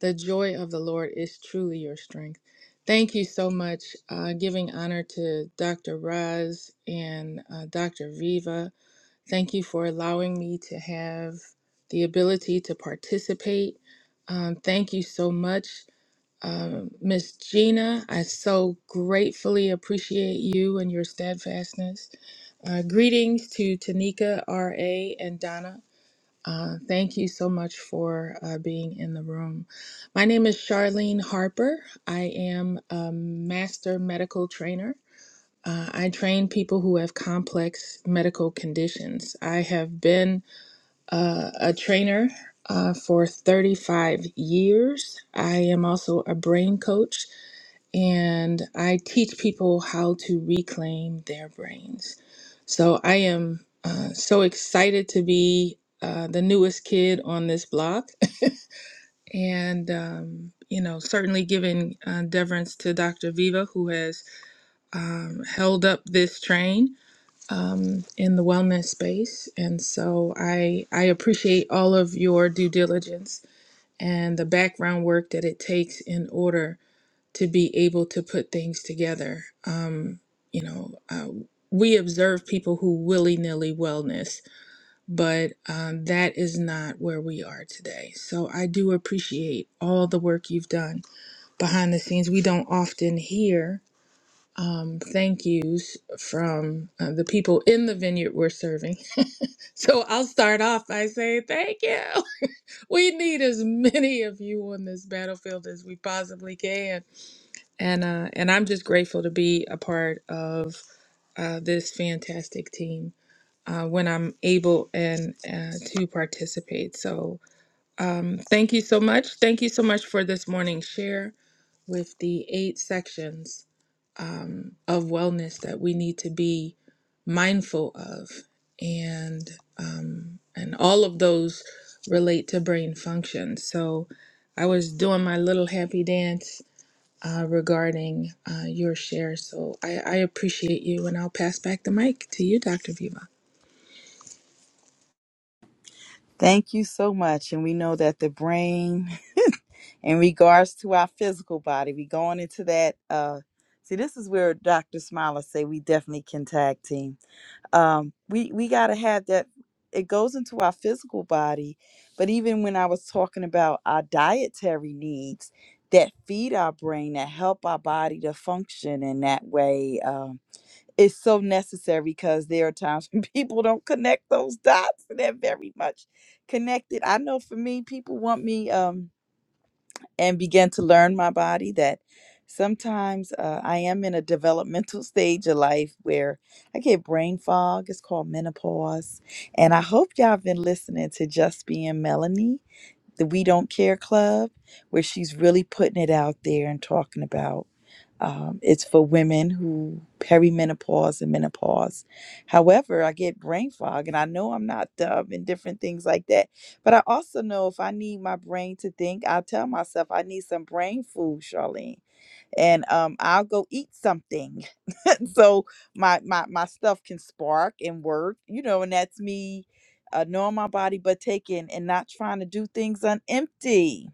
C: The joy of the Lord is truly your strength. Thank you so much, uh, giving honor to Dr. Roz and uh, Dr. Viva. Thank you for allowing me to have the ability to participate. Um, thank you so much. Um, Miss Gina, I so gratefully appreciate you and your steadfastness. Uh, greetings to Tanika, R.A., and Donna. Uh, thank you so much for uh, being in the room. My name is Charlene Harper. I am a master medical trainer. Uh, I train people who have complex medical conditions. I have been uh, a trainer uh, for 35 years. I am also a brain coach and I teach people how to reclaim their brains. So I am uh, so excited to be uh, the newest kid on this block, *laughs* and um, you know, certainly giving uh, deference to Dr. Viva, who has um, held up this train um, in the wellness space. And so I I appreciate all of your due diligence and the background work that it takes in order to be able to put things together. Um, you know, uh, we observe people who willy nilly wellness, but um, that is not where we are today. So I do appreciate all the work you've done behind the scenes. We don't often hear um, thank yous from uh, the people in the vineyard we're serving. *laughs* So I'll start off by saying thank you. *laughs* We need as many of you on this battlefield as we possibly can and uh, and I'm just grateful to be a part of uh, this fantastic team uh, when I'm able and uh, to participate. So um, thank you so much. Thank you so much for this morning's share with the eight sections um, of wellness that we need to be mindful of, and um, and all of those relate to brain function. So I was doing my little happy dance uh, regarding uh, your share. So I, I appreciate you, and I'll pass back the mic to you, Dr. Viva.
A: Thank you so much. And we know that the brain in regards to our physical body we going into that uh see this is where dr smiler say we definitely can tag team um we we got to have that it goes into our physical body but even when i was talking about our dietary needs that feed our brain that help our body to function in that way um it's so necessary because there are times *laughs* when people don't connect those dots and they're very much connected i know for me people want me um and began to learn my body that sometimes uh, I am in a developmental *laughs* stage of life where I get brain fog. It's called menopause. And I hope y'all been listening to Just Being Melanie the We Don't Care Club, where she's really putting it out there and talking about um, it's for women who perimenopause and menopause. However, I get brain fog, and I know I'm not dumb and different things like that. But I also know if I need my brain to think, I tell myself I need some brain food, Charlene, and um, I'll go eat something. *laughs* so my my my stuff can spark and work you know and that's me uh, knowing my body but taking and not trying to do things on empty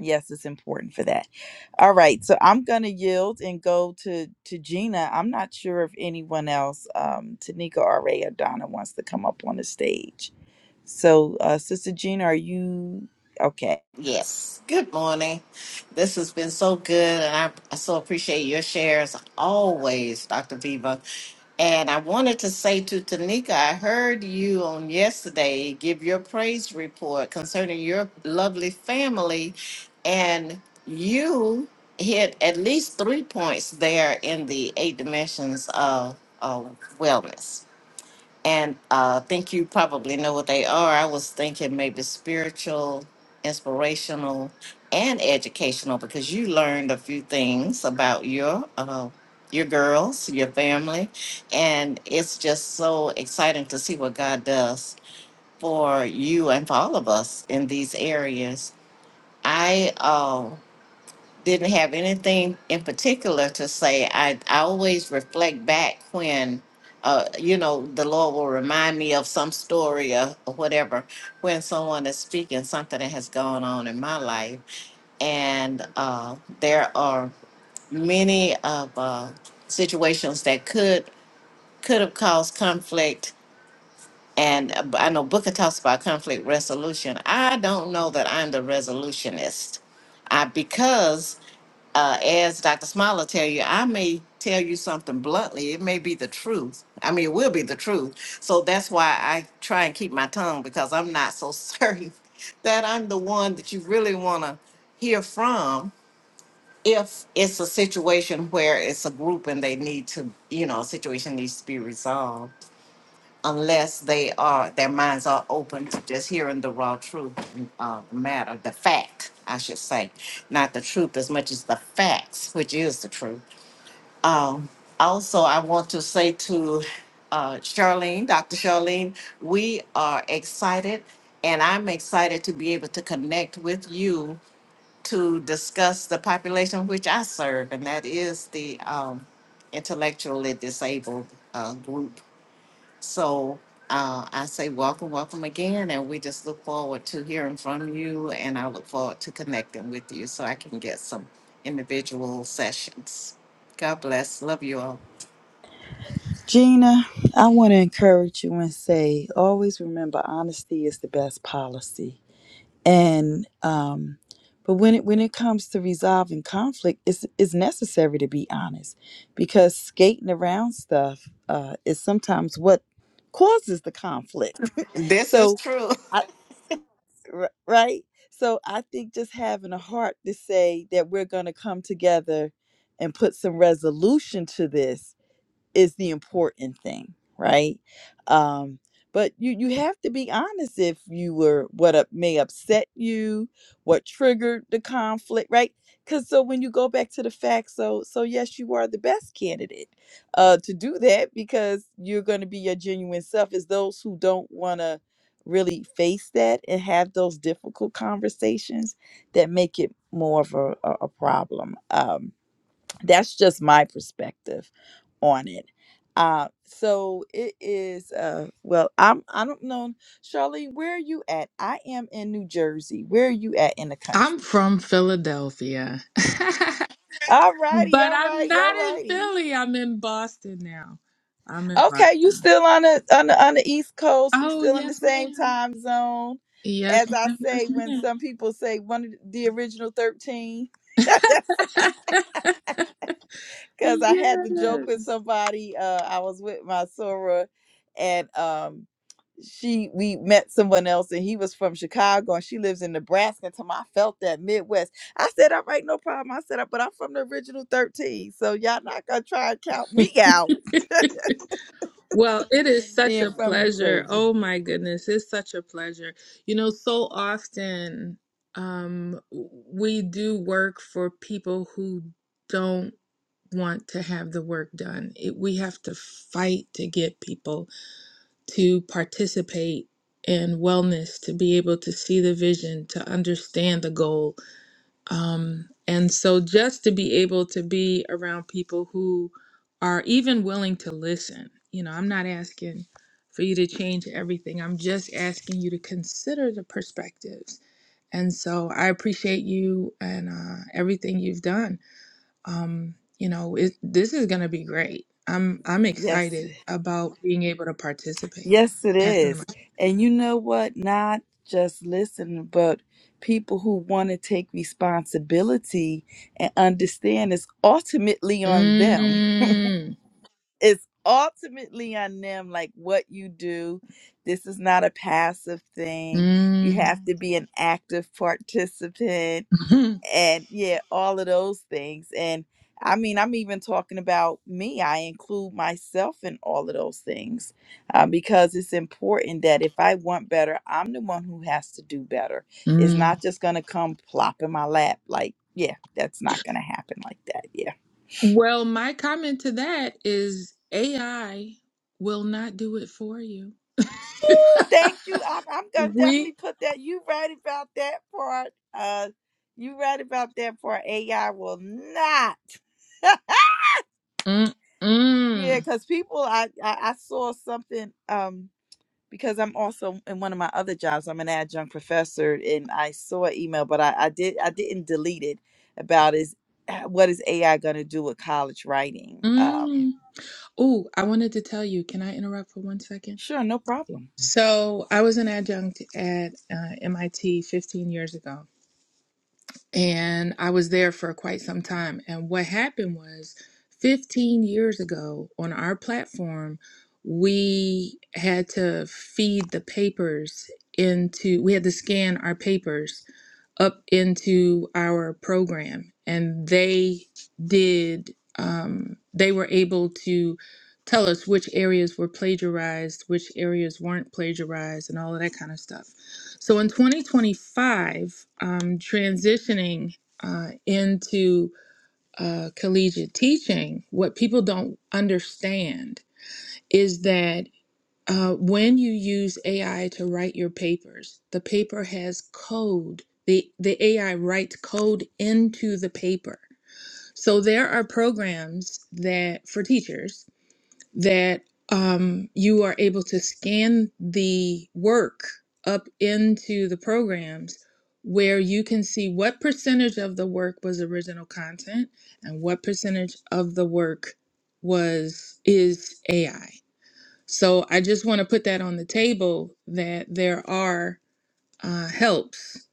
A: yes it's important for that all right so i'm gonna yield and go to to gina i'm not sure if anyone else um tanika or ray or donna wants to come up on the stage so uh sister gina are you okay
E: Yes. Good morning. This has been so good, and I, I so appreciate your shares always, Dr. Viva. And I wanted to say to Tanika, I heard you on yesterday give your praise report concerning your lovely family, and you hit at least three points there in the eight dimensions of, of wellness and uh, I think you probably know what they are. I was thinking maybe spiritual, inspirational, and educational because you learned a few things about your uh, your girls, your family, and it's just so exciting to see what God does for you and for all of us in these areas. I uh, didn't have anything in particular to say. I, I always reflect back when, uh, you know, the Lord will remind me of some story or, or whatever when someone is speaking something that has gone on in my life. And uh, there are many of uh, situations that could could have caused conflict. And uh, I know Booker talks about conflict resolution. I don't know that I'm the resolutionist. I because uh, as Dr. Smiler tell you, I may tell you something bluntly. It may be the truth. I mean, it will be the truth. So that's why I try and keep my tongue because I'm not so *laughs* certain that I'm the one that you really want to hear from. If it's a situation where it's a group and they need to, you know, a situation needs to be resolved unless they are, their minds are open to just hearing the raw truth of the matter, the fact, I should say, not the truth as much as the facts, which is the truth. Um, also, I want to say to uh, Charlene, Dr. Charlene, we are excited, and I'm excited to be able to connect with you to discuss the population which I serve, and that is the um, intellectually disabled uh, group so uh, I say welcome, welcome again, and we just look forward to hearing from you, and I look forward to connecting with you so I can get some individual sessions. God bless. Love you all.
A: gina i want to encourage you and say always remember honesty is the best policy and um but when it when it comes to resolving conflict it's it's necessary to be honest because skating around stuff uh is sometimes what causes the conflict *laughs*
E: This is
A: so
E: true. *laughs*
A: i r- right so i think just having a heart to say that we're going to come together and put some resolution to this is the important thing, right? Um, but you you have to be honest if you were what up, may upset you, what triggered the conflict, right? Because so when you go back to the facts, so so yes, you are the best candidate uh, to do that because you're going to be your genuine self. Is those who don't want to really face that and have those difficult conversations that make it more of a, a, a problem. Um, that's just my perspective on it. Uh, so it is. Uh, well, I'm. I don't know, Charlene. Where are you at? I am in New Jersey. Where are you at in the
C: I'm
A: country?
C: from Philadelphia, *laughs*
A: All righty,
C: but
A: all
C: I'm
A: righty, all
C: not in
A: righty.
C: Philly. I'm in Boston now. I'm in
A: Okay, you
C: Boston.
A: still on the on the on the East Coast? We
C: Oh,
A: still in the
C: yes,
A: same
C: ma'am.
A: time zone.
C: Yes,
A: As I
C: ma'am.
A: say,
C: Yes,
A: when some people say one of the original thirteen, *laughs*
C: ma'am. *laughs*
A: because I had the joke with
C: yes.
A: somebody. Uh, I was with my Sora, and um she we met someone else and he was from Chicago and she lives in Nebraska. And I felt that Midwest. I said, all right, no problem. I said, but I'm from the original 13. So y'all not gonna try and count me out
C: Well, it is such
A: being
C: a
A: from New
C: pleasure.
A: Jersey.
C: Oh my goodness, it's such a pleasure. You know, so often um, we do work for people who don't want to have the work done. It, we have to fight to get people to participate in wellness, to be able to see the vision, to understand the goal, um, and so just to be able to be around people who are even willing to listen, you know, I'm not asking for you to change everything. I'm just asking you to consider the perspectives. And so I appreciate you and uh, everything you've done. Um, you know, it, this is going to be great. I'm I'm
A: Yes,
C: excited about being able to participate.
A: yes, it
C: Passing the
A: is.
C: mic.
A: And you know what? Not just listen, but people who want to take responsibility and understand it's ultimately on them
C: Mm,
A: it's ultimately on them like what you do this is not a passive thing you
C: mm,
A: have to be an active participant and yeah all of those things and i mean i'm even talking about me i include myself in all of those things uh, because it's important that if i want better i'm the one who has to do better
C: *laughs*
A: it's
C: mm.
A: not just gonna come plop in my lap like yeah that's not gonna happen like that yeah
C: Well, my comment to that is AI will not do it for you.
A: Thank you. I'm, I'm gonna
C: We.
A: definitely put that. You right about that part. Uh, you right about that part. AI will not. *laughs*
C: Mm,
A: yeah,
C: mm,
A: because people, I, I I saw something. Um, because I'm also in one of my other jobs. I'm an adjunct professor, and I saw an email, but I, I did I didn't delete it. About is uh, what is AI gonna do with college writing? Um,
C: mm. Oh, I wanted to tell you. Can I interrupt for one second?
A: sure, no problem.
C: So, I was an adjunct at uh, MIT 15 years ago, and I was there for quite some time. And what happened was 15 years ago on our platform, we had to feed the papers into, we had to scan our papers up into our program and they did um, they were able to tell us which areas were plagiarized which areas weren't plagiarized and all of that kind of stuff so in 2025 um, transitioning uh, into uh, collegiate teaching what people don't understand is that uh, when you use AI to write your papers, the paper has code. The, the AI writes code into the paper. So there are programs that for teachers that um, you are able to scan the work up into the programs where you can see what percentage of the work was original content and what percentage of the work was is AI. So I just want to put that on the table that there are uh, helps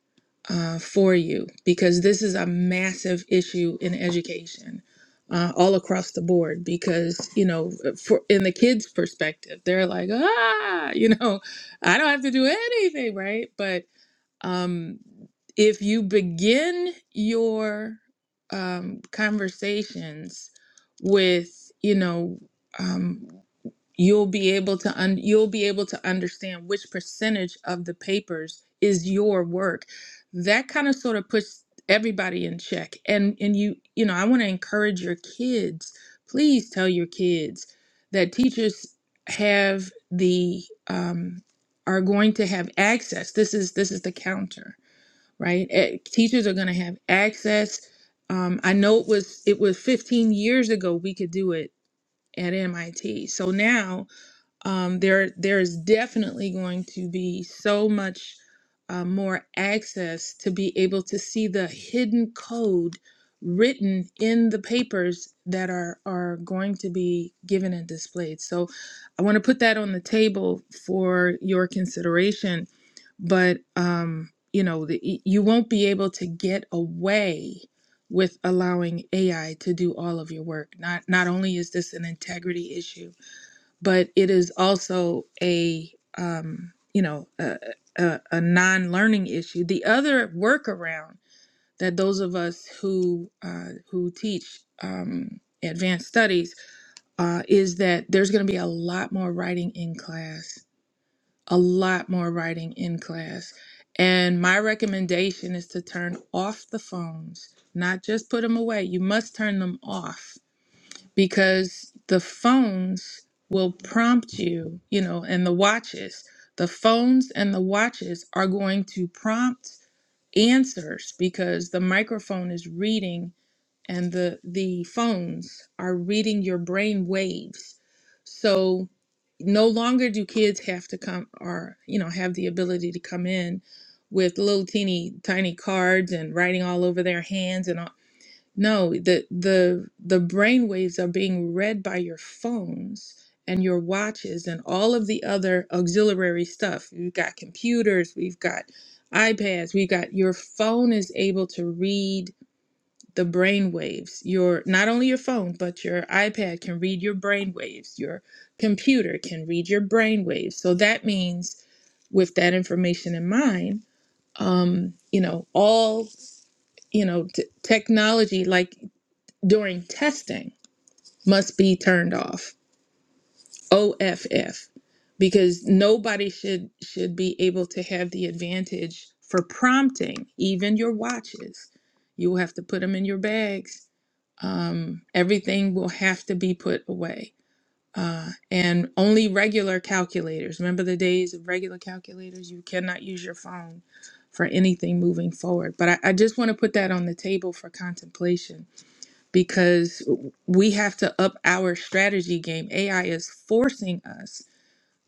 C: uh, for you because this is a massive issue in education uh, all across the board. Because you know, for in the kids' perspective, they're like, ah, you know, I don't have to do anything, right? But um, if you begin your um, conversations with, you know. Um, you'll be able to un- you'll be able to understand which percentage of the papers is your work that kind of sort of puts everybody in check and and you you know i want to encourage your kids please tell your kids that teachers have the um are going to have access this is this is the counter right Eh, teachers are going to have access um i know it was it was 15 years ago we could do it at mit so now um, there there is definitely going to be so much uh, more access to be able to see the hidden code written in the papers that are are going to be given and displayed. So I want to put that on the table for your consideration. But um, you know, the, y- you won't be able to get away with allowing AI to do all of your work. Not not only is this an integrity issue but it is also a um, you know a, a, a non-learning issue. The other workaround that those of us who uh, who teach um, advanced studies uh, is that there's going to be a lot more writing in class, a lot more writing in class. And my recommendation is to turn off the phones, not just put them away. You must turn them off because the phones will prompt you, you know, and the watches. The phones and the watches are going to prompt answers because the microphone is reading and the the phones are reading your brain waves. So no longer do kids have to come or you know have the ability to come in with little teeny tiny cards and writing all over their hands and all. No, the the the brain waves are being read by your phones and your watches and all of the other auxiliary stuff. We've got computers, we've got iPads, we've got your phone is able to read the brain waves. Your not only your phone, but your iPad can read your brain waves. Your computer can read your brain waves. So that means with that information in mind, um, you know, all you know, t- technology like during testing must be turned off OFF because nobody should should be able to have the advantage for prompting even your watches you will have to put them in your bags um, everything will have to be put away uh, and only regular calculators remember the days of regular calculators you cannot use your phone for anything moving forward but i, I just want to put that on the table for contemplation because we have to up our strategy game. AI is forcing us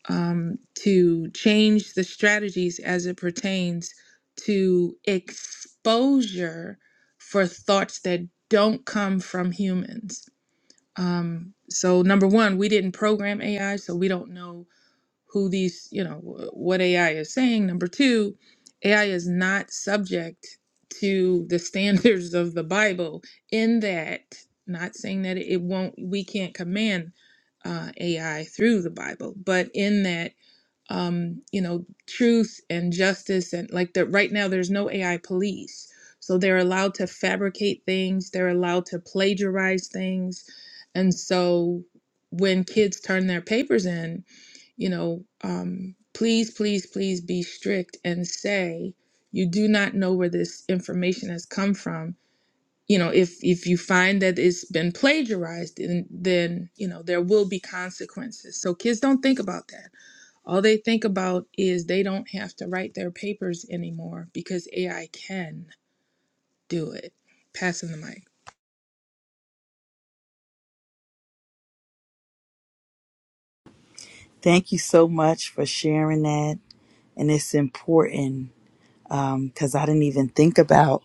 C: um, to change the strategies as it pertains to exposure for thoughts that don't come from humans. Um, so, number one, we didn't program AI, so we don't know who these, you know, what AI is saying. Number two, AI is not subject to the *laughs* standards of the Bible in that, not saying that it won't, we can't command uh, AI through the Bible, but in that, um, you know, truth and justice and like that right now, there's no AI police. So they're allowed to fabricate things, they're allowed to plagiarize things. And so when kids turn their papers in, you know, um, please, please, please be strict and say you do not know where this information has come from. You know, if if you find that it's been plagiarized, then, then you know there will be consequences. So kids don't think about that. All they think about is they don't have to write their papers anymore because AI can do it. Passing the mic.
A: Thank you so much for sharing that, and it's important because I didn't even think about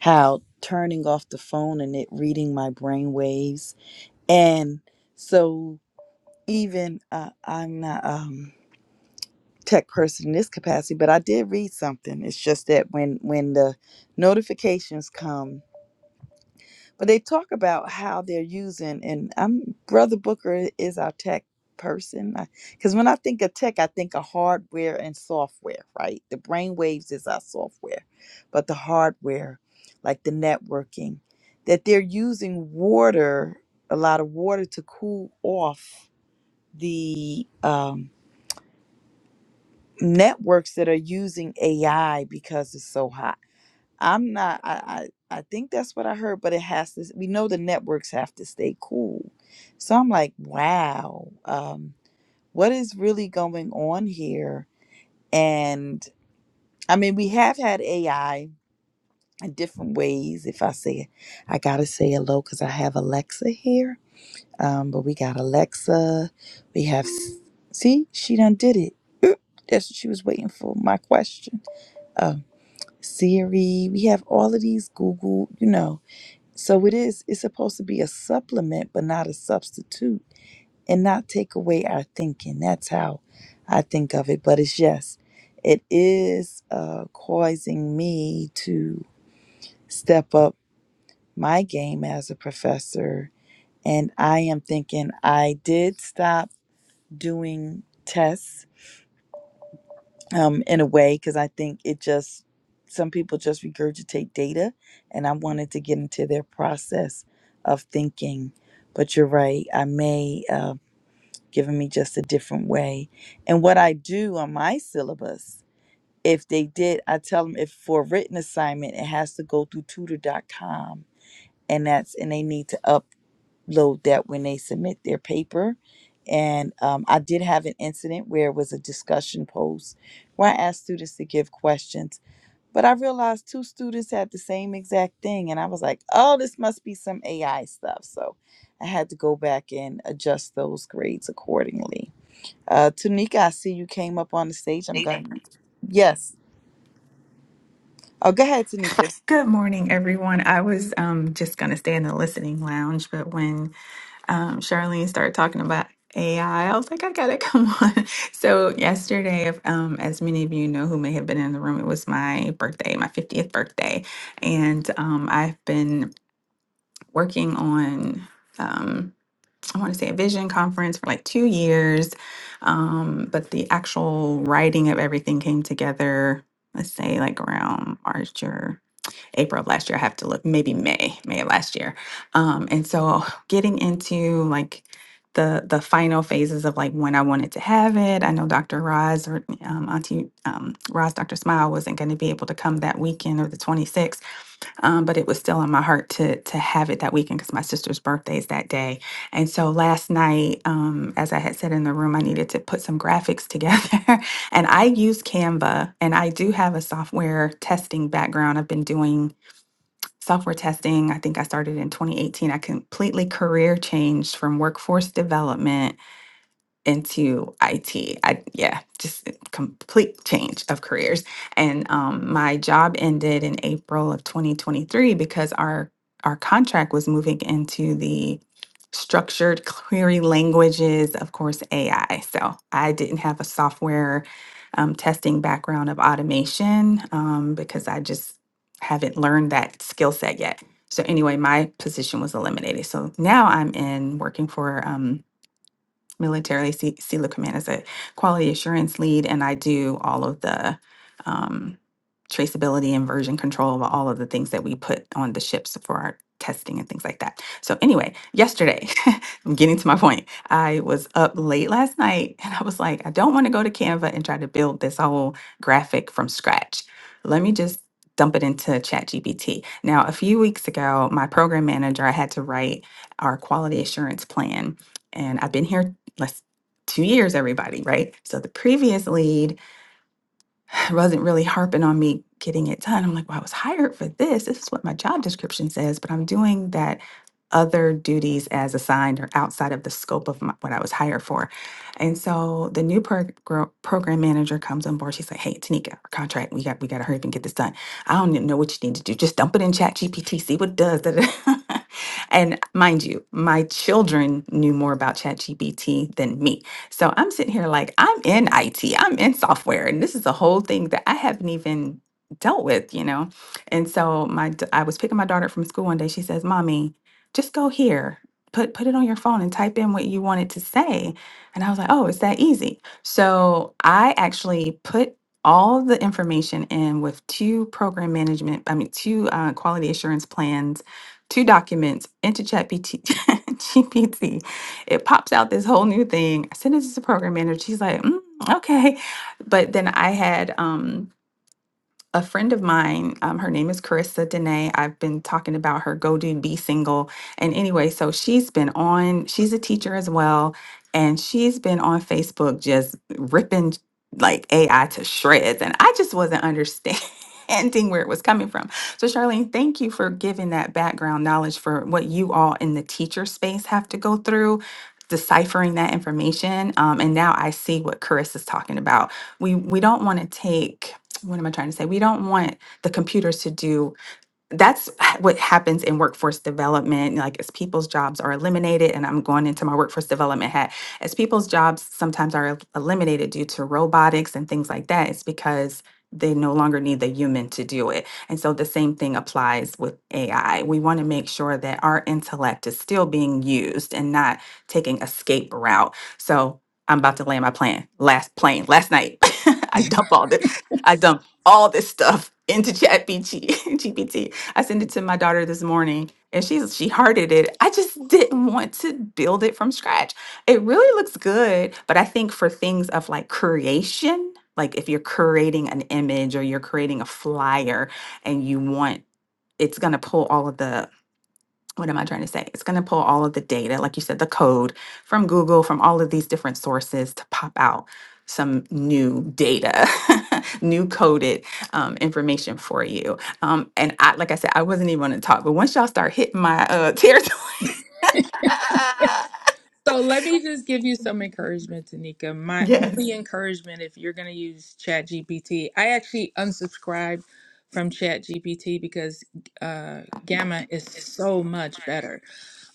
A: how turning off the phone and it reading my brain waves. And so, even uh, I'm not um, tech person in this capacity, but I did read something. It's just that when when the notifications come, but they talk about how they're using, and I'm Brother Booker is our tech person because when I think of tech, I think of hardware and software, right? The brainwaves is our software, but the hardware, like the networking, that they're using water, a lot of water to cool off the um, networks that are using AI because it's so hot I'm not. I, I I think that's what I heard, but it has to. We know the networks have to stay cool, so I'm like, wow, um, what is really going on here? And I mean, we have had AI in different ways. If I say, I gotta say hello because I have Alexa here. Um, but we got Alexa. We have. s- See, she done did it. Oop, That's what she was waiting for. My question. Um, Siri. We have all of these Google. You know so it is, it's supposed to be a supplement, but not a substitute and not take away our thinking. That's how I think of it. But it's yes, it is uh, causing me to step up my game as a professor. And I am thinking I did stop doing tests um, in a way because I think it just some people just regurgitate data, and I wanted to get into their process of thinking. But you're right, I may uh, giving me just a different way. And what I do on my syllabus, if they did, I tell them if for a written assignment, it has to go through tutor.com, and that's and they need to upload load that when they submit their paper. And um, I did have an incident where it was a discussion post where I asked students to give questions, but I realized two students had the same exact thing. And I was like, oh, this must be some AI stuff. So I had to go back and adjust those grades accordingly. Uh, Tanika, I see you came up on the stage. I'm going. Yes. Oh, go ahead, Tanika.
F: Good morning, everyone. I was um, just going to stay in the listening lounge, but when um, Charlene started talking about AI, I I was like, I got to come on. *laughs* So, yesterday, if, um, as many of you know who may have been in the room, it was my birthday, my 50th birthday. And um, I've been working on, um, I want to say, a vision conference for like two years, um, but the actual writing of everything came together, let's say, like around March or April of last year. I have to look, maybe May, May of last year. Um, and so getting into like the the final phases of like when I wanted to have it. I know Dr. Roz or um, Auntie um, Roz, Dr. Smile wasn't going to be able to come that weekend or the 26th um, but it was still in my heart to to have it that weekend because my sister's birthday is that day. And so last night, um, as I had said in the room, I needed to put some graphics together *laughs* And I use Canva, and I do have a software testing background. I've been doing software testing. I think I started in 2018. I completely career changed from workforce development into IT. yeah, just a complete change of careers. And um, my job ended in April of 2023 because our our contract was moving into the structured *laughs* query languages, of course, AI. So I didn't have a software um, testing background of automation um, because I just haven't learned that skill set yet. So anyway, my position was eliminated. So now I'm in working for. um, militarily. C- CELA Command is a quality assurance lead, and I do all of the um, traceability and version control of all of the things that we put on the ships for our testing and things like that. So anyway, yesterday, *laughs* I'm getting to my point. I was up late last night and I was like, I don't want to go to Canva and try to build this whole graphic from scratch. Let me just dump it into ChatGPT. Now, a few weeks ago, my program manager, I had to write our quality assurance plan. And I've been here less two years, everybody, right? So the previous lead wasn't really harping on me getting it done. I'm like, well, I was hired for this. This is what my job description says, but I'm doing that other duties as assigned or outside of the scope of my, what I was hired for. And so the new prog- gro- program manager comes on board. She's like, hey, Tanika, our contract, we got, we got to hurry up and get this done. I don't even know what you need to do. Just dump it in chat GPT, see what it does. *laughs* Da, da, da." *laughs* and mind you, my children knew more about chat GPT than me so I'm sitting here like, I'm in IT, I'm in software, and this is a whole thing that I haven't even dealt with, you know? And so my d- I was picking my daughter up from school one day. She says, Mommy, just go here. Put put it on your phone and type in what you wanted to say. And I was like, oh, it's that easy. So I actually put all the information in with two program management, I mean, two uh, quality assurance plans, two documents into ChatGPT. *laughs* It pops out this whole new thing. I sent it to the program manager. She's like, "Mm, okay. But then I had um a friend of mine, um, her name is Carissa Dene. I've been talking about her Go Do Be Single. And anyway, so she's been on, she's a teacher as well. And she's been on Facebook just ripping like AI to shreds. And I just wasn't understanding *laughs* where it was coming from. So, Charlene, thank you for giving that background knowledge for what you all in the teacher space have to go through. Deciphering that information, um, and now I see what Carissa's talking about. We we don't want to take what am I trying to say? We don't want the computers to do that's what happens in workforce development like as people's jobs are eliminated and i'm going into my workforce development hat as people's jobs sometimes are eliminated due to robotics and things like that it's because they no longer need the human to do it and so the same thing applies with ai we want to make sure that our intellect is still being used and not taking escape route so i'm about to land my plane last plane last night *laughs* i dump all this i dump all this stuff into chat *laughs* gpt I sent it to my daughter this morning and she's she hearted it. I just didn't want to build it from scratch. It really looks good, but I think for things of like creation, like if you're creating an image or you're creating a flyer and you want it's going to pull all of the what am I trying to say? It's going to pull all of the data, like you said, the code from Google, from all of these different sources to pop out some new data, *laughs* new coded um, information for you. Um, and I, like I said, I wasn't even going to talk, but once y'all start hitting my uh, *laughs* territory, *laughs*
C: So let me just give you some encouragement, Tanika. My
F: yes,
C: only encouragement, if you're going to use ChatGPT, I actually unsubscribed from ChatGPT because uh, Gamma is so much better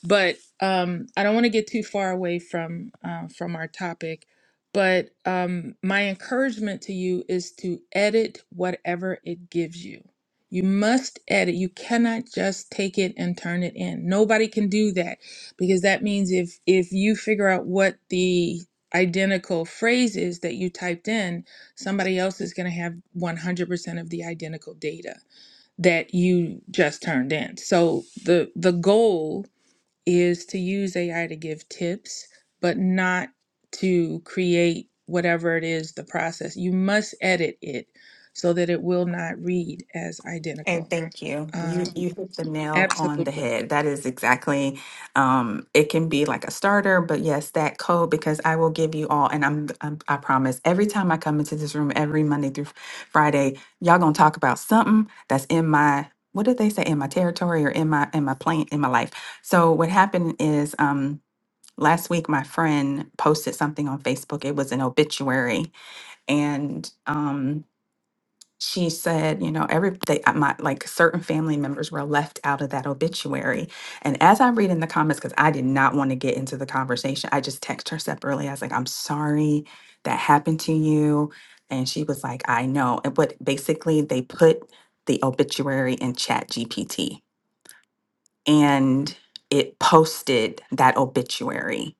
C: but um, I don't want to get too far away from uh, from our topic. But um, my encouragement to you is to edit whatever it gives you. You must edit. You cannot just take it and turn it in. Nobody can do that because that means if if you figure out what the identical phrase is that you typed in, somebody else is going to have 100% of the identical data that you just turned in. So the the goal is to use AI to give tips, but not to create whatever it is the process. You must edit it so that it will not read as
F: And
C: identical.
F: thank you. You
C: Um,
F: you hit the nail on the
C: absolutely.
F: head. That is exactly um it can be like a starter, but yes, that code because I will give you all and I'm, I'm I promise every time I come into this room every Monday through Friday, y'all going to talk about something that's in my what did they say in my territory or in my in my plane in my life. So what happened is um last week my friend posted something on Facebook. It was an obituary and um she said, you know, every they, uh, my like certain family members were left out of that obituary. And as I read in the comments, because I did not want to get into the conversation, I just text her separately. I was like, I'm sorry that happened to you. And she was like, I know. And but basically they put the obituary in chat GPT and it posted that obituary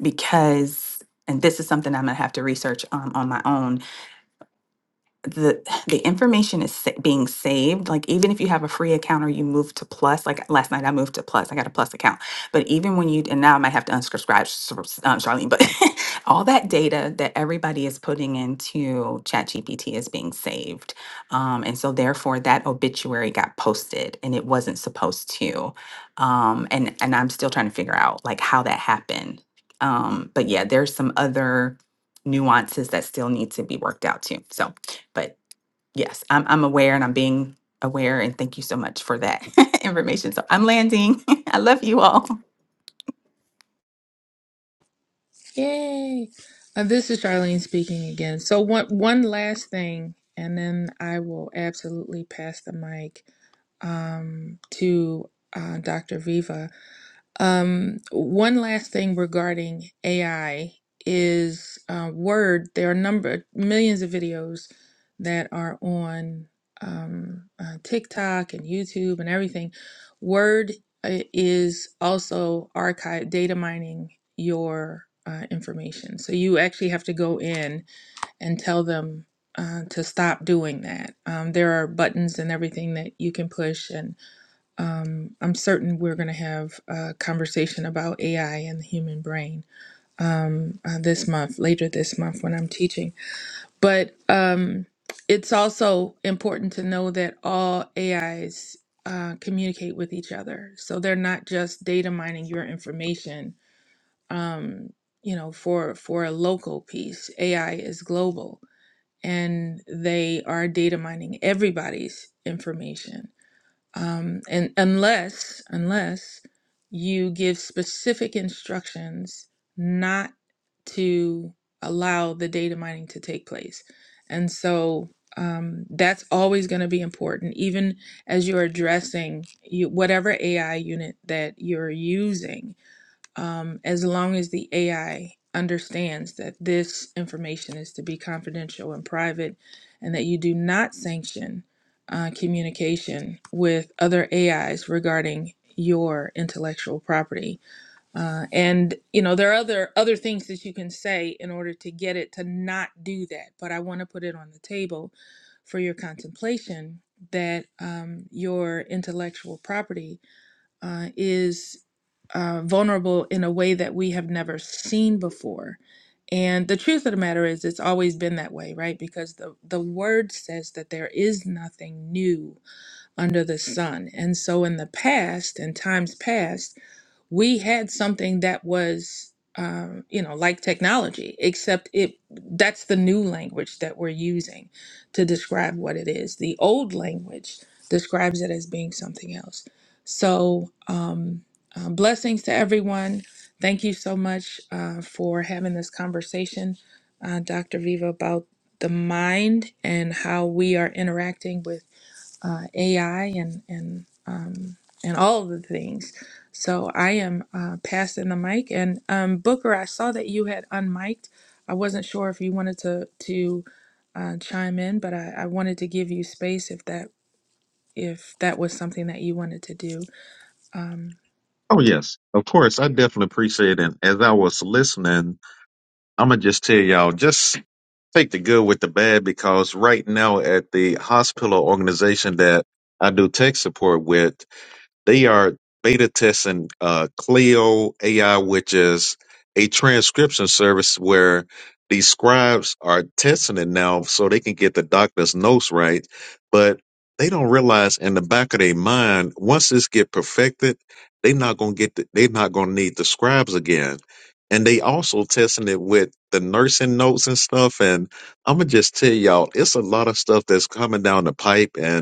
F: because and this is something I'm gonna have to research um, on my own the the information is sa- being saved like even if you have a free account or you move to plus like last night i moved to plus i got a plus account but even when you and now i might have to unsubscribe Sh- um, charlene but *laughs* all that data that everybody is putting into chat gpt is being saved um, and so therefore that obituary got posted and it wasn't supposed to um, and and i'm still trying to figure out like how that happened um, but yeah there's some other nuances that still need to be worked out too so but yes, I'm I'm aware and I'm being aware and thank you so much for that *laughs* information. So I'm landing. *laughs* I love you all.
C: Yay. Uh, this is Charlene speaking again. So one one last thing, and then I will absolutely pass the mic um, to uh, Dr. Viva Um, one last thing regarding AI is uh, Word. There are a number, millions of videos that are on um, uh, TikTok and YouTube and everything. Word uh, is also archive data mining your uh, information. So you actually have to go in and tell them uh, to stop doing that. Um, there are buttons and everything that you can push and. Um, I'm certain we're going to have a conversation about AI and the human brain um, uh, this month, later this month when I'm teaching. But um, it's also important to know that all AIs uh, communicate with each other. So they're not just data mining your information, um, you know, for, for a local piece. AI is global and they are data mining everybody's information um, and unless unless you give specific instructions not to allow the data mining to take place and so um, that's always going to be important even as you're addressing you, whatever ai unit that you're using um, as long as the AI understands that this information is to be confidential and private, and that you do not sanction uh, communication with other AIs regarding your intellectual property. Uh, and you know there are other other things that you can say in order to get it to not do that. But I want to put it on the table for your contemplation that um, your intellectual property uh, is uh, vulnerable in a way that we have never seen before. And the truth of the matter is, it's always been that way, right? Because the, the word says that there is nothing new under the sun. And so, in the past, in times past, we had something that was um, you know like technology except it that's the new language that we're using to describe what it is the old language describes it as being something else so um, uh, blessings to everyone thank you so much uh, for having this conversation uh, dr viva about the mind and how we are interacting with uh, AI and and um, and all of the things. So I am uh, passing the mic. And um, Booker, I saw that you had unmiked. I wasn't sure if you wanted to to uh, chime in, but I, I wanted to give you space if that if that was something that you wanted to do. Um,
B: Oh, yes. Of course. I definitely appreciate it. And as I was listening, I'm going to just tell y'all, just take the good with the bad because right now at the hospital organization that I do tech support with, They are beta testing uh, Clio AI, which is a transcription service where these scribes are testing it now so they can get the doctor's notes right. But they don't realize in the back of their mind, once this get perfected, they not gonna get the, they not gonna need the scribes again. And they also testing it with the nursing notes and stuff. And I'm gonna just tell y'all, it's a lot of stuff that's coming down the pipe, and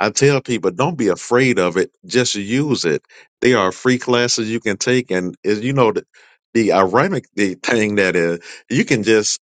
B: I tell people, don't be afraid of it. Just use it. They are free classes you can take, and is you know the, the ironic the thing that is, you can just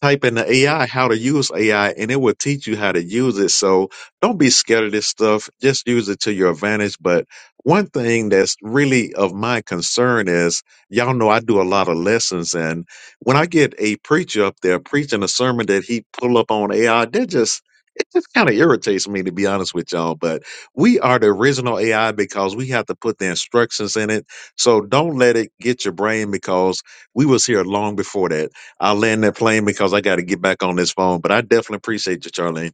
B: type in the AI how to use AI and it will teach you how to use it. So don't be scared of this stuff. Just use it to your advantage. But one thing that's really of my concern is y'all know I do a lot of lessons and when I get a preacher up there preaching a sermon that he pull up on AI, that just it just kind of irritates me to be honest with y'all, but we are the original AI because we have to put the instructions in it. So don't let it get your brain because we was here long before that I'll land that plane because I got to get back on this phone. But I definitely appreciate you, Charlene.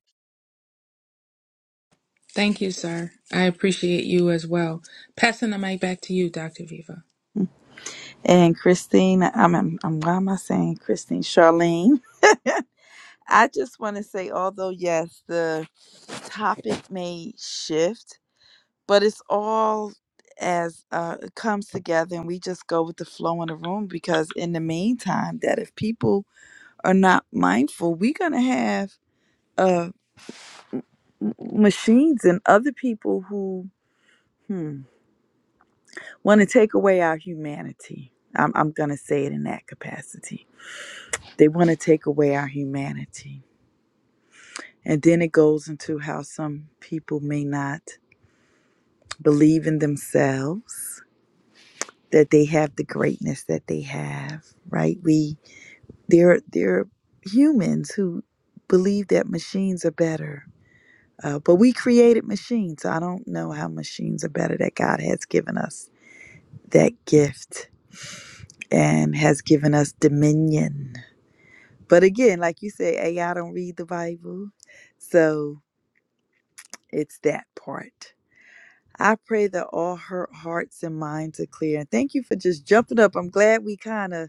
C: thank you, sir. I appreciate you as well. Passing the mic back to you, Dr. Viva.
A: And Christine, I'm, I'm, I'm why am I saying Christine? Charlene. I just want to say, although, yes, the topic may shift, but it's all as uh, it comes together and we just go with the flow in the room because, in the meantime, that if people are not mindful, we're going to have uh, m- machines and other people who hmm, want to take away our humanity. I'm, I'm going to say it in that capacity. They want to take away our humanity. And then it goes into how some people may not believe in themselves that they have the greatness that they have right we they're they're humans who believe that machines are better uh, but we created machines so i don't know how machines are better that god has given us that gift and has given us dominion but again like you said ai don't read the bible so it's that part I pray that all her hearts and minds are clear. And thank you for just jumping up. I'm glad we kind of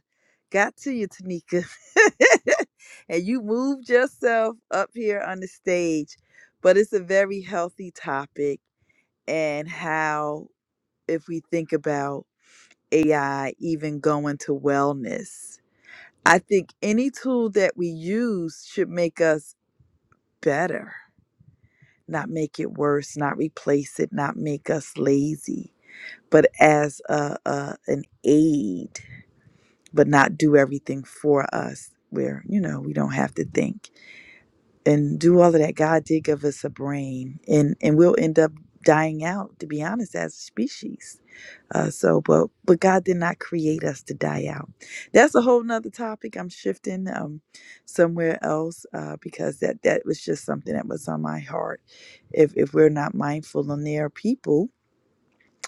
A: got to you, Tanika. *laughs* and you moved yourself up here on the stage. But it's a very healthy topic, and how, if we think about AI even going to wellness, I think any tool that we use should make us better, not make it worse, not replace it, not make us lazy but as a, a an aid, but not do everything for us. Where you know we don't have to think and do all of that. God did give us a brain, and and we'll end up dying out. To be honest, as a species. Uh, so, but but God did not create us to die out. That's a whole nother topic. I'm shifting um, somewhere else uh, because that that was just something that was on my heart. If if we're not mindful, and there are people,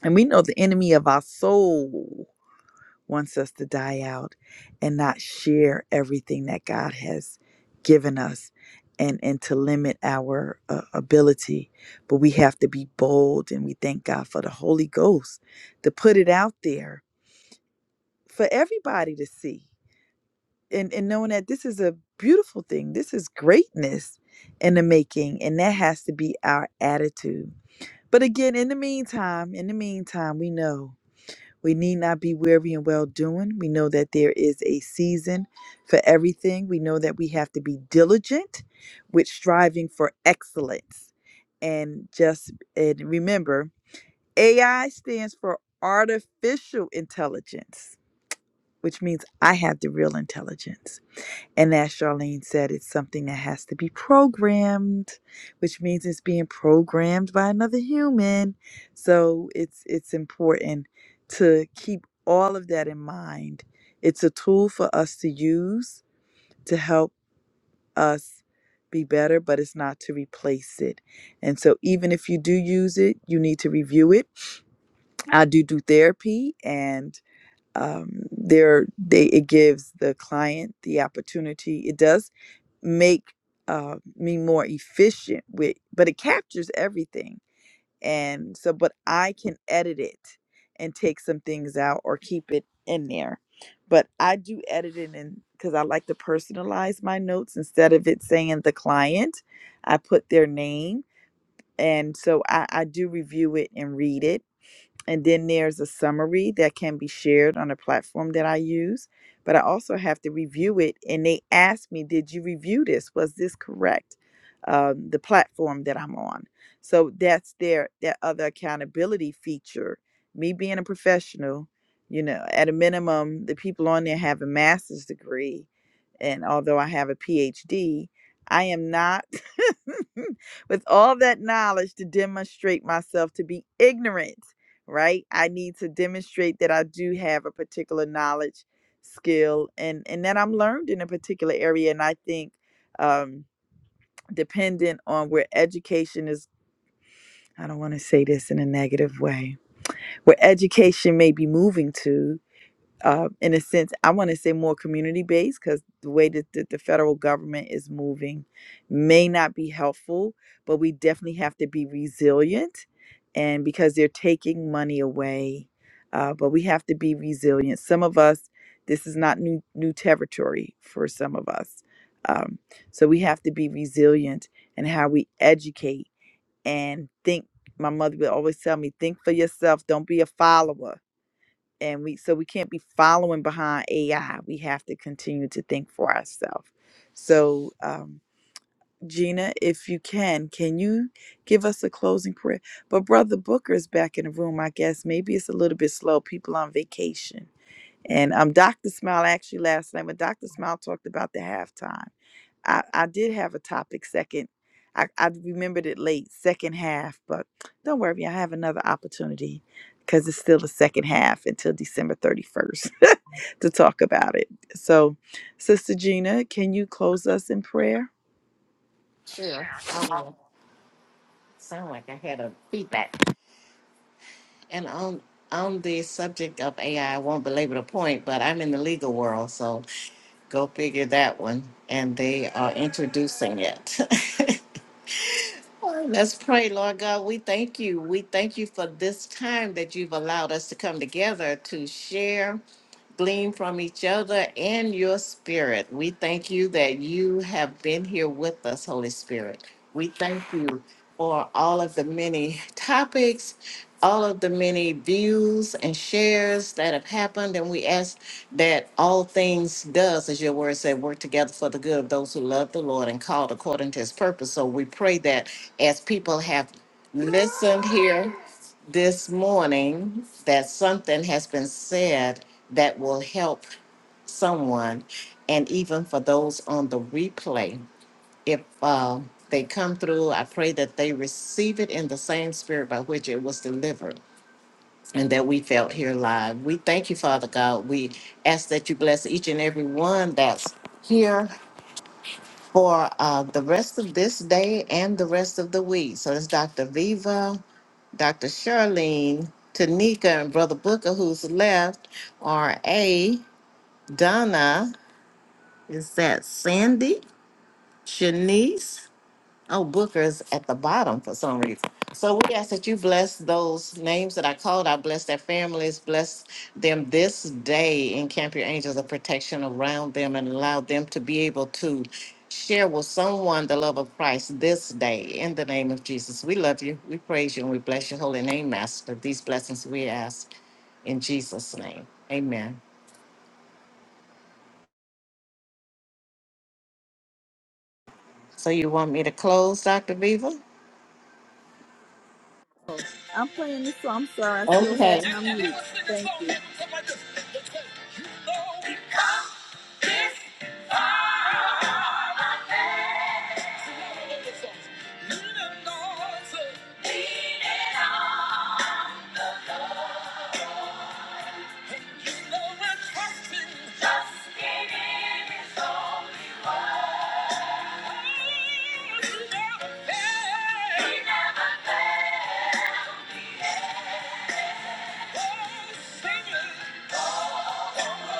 A: and we know the enemy of our soul wants us to die out and not share everything that God has given us and, and to limit our uh, ability. But we have to be bold and we thank God for the Holy Ghost to put it out there for everybody to see. And, and knowing that this is a beautiful thing, this is greatness in the making, and that has to be our attitude. But again, in the meantime, in the meantime, we know we need not be weary in well doing. We know that there is a season for everything. We know that we have to be diligent with striving for excellence. And just and remember, AI stands for artificial intelligence, which means I have the real intelligence. And as Charlene said, it's something that has to be programmed, which means it's being programmed by another human. So it's it's important to keep all of that in mind. It's a tool for us to use to help us be better, but it's not to replace it. And so even if you do use it, you need to review it. I do do therapy and um, there they it gives the client the opportunity. It does make uh, me more efficient with but it captures everything and so but i can edit it and take some things out or keep it in there but i do edit it in because i like to personalize my notes instead of it saying the client i put their name and so I, I do review it and read it and then there's a summary that can be shared on a platform that I use. But I also have to review it. And they ask me, Did you review this? Was this correct? Um, the platform that I'm on. So that's their that other accountability feature. Me being a professional, you know, at a minimum, the people on there have a master's degree. And although I have a PhD, I am not *laughs* with all that knowledge to demonstrate myself to be ignorant right? I need to demonstrate that I do have a particular knowledge, skill, and and that I'm learned in a particular area. And I think, um, dependent on where education is, I don't want to say this in a negative way, where education may be moving to uh, in a sense, I want to say more community based because the way that the, the federal government is moving may not be helpful, but we definitely have to be resilient. And because they're taking money away, uh, but we have to be resilient. Some of us, this is not new new territory for some of us, um, so we have to be resilient in how we educate and think. My mother would always tell me, "Think for yourself. Don't be a follower." and we so we can't be following behind AI. We have to continue to think for ourselves. So, um, Gina, if you can, can you give us a closing prayer? But Brother Booker is back in the room. I guess maybe it's a little bit slow. People on vacation, and um, Doctor Smile actually last night when Doctor Smile talked about the halftime. I, I did have a topic second. I, I remembered it late, second half, but don't worry, I have another opportunity because it's still the second half until December 31st *laughs* to talk about it. So, Sister Gina, can you close us in prayer?
E: Sure, I will. Sound like I had a feedback. And on on the subject of AI, I I won't belabor the point, but I'm in the legal world, so go figure that one. And they are introducing it. *laughs* Oh, Let's pray, Lord God. We thank you. We thank you for this time that you've allowed us to come together to share, glean from each other and your spirit. We thank you that you have been here with us, Holy Spirit. We thank you for all of the many topics, all of the many views and shares that have happened. And we ask that all things does, as your word said, work together for the good of those who love the Lord and called according to his purpose. So we pray that as people have listened here this morning, that something has been said that will help someone and even for those on the replay if um, they come through, I pray that they receive it in the same spirit by which it was delivered and that we felt here live. We thank you, Father God. We ask that you bless each and every one that's here for uh, the rest of this day and the rest of the week. So it's Dr. Viva, Dr. Charlene, Tanika, and Brother Booker, who's left, R.A., Donna, is that Sandy, Shanice, Oh, Booker's at the bottom for some reason. So we ask that you bless those names that I called. I bless their families, bless them this day, encamp your angels of protection around them, and allow them to be able to share with someone the love of Christ this day. In the name of Jesus, we love you, we praise you, and we bless your holy name, Master. These blessings we ask in Jesus' name. Amen. So you want me to close, Dr. Viva?
A: I'm playing this song. I'm sorry, I still had
E: Okay.
A: it on mute. Thank you. Oh,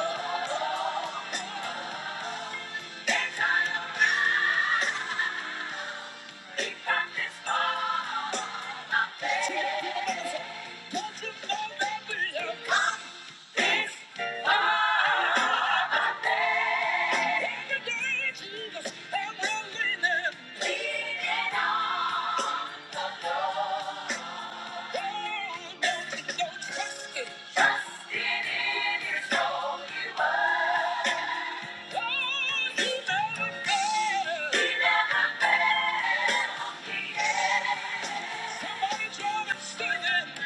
A: Trust in it, it's all you are. Somebody draw and sing it.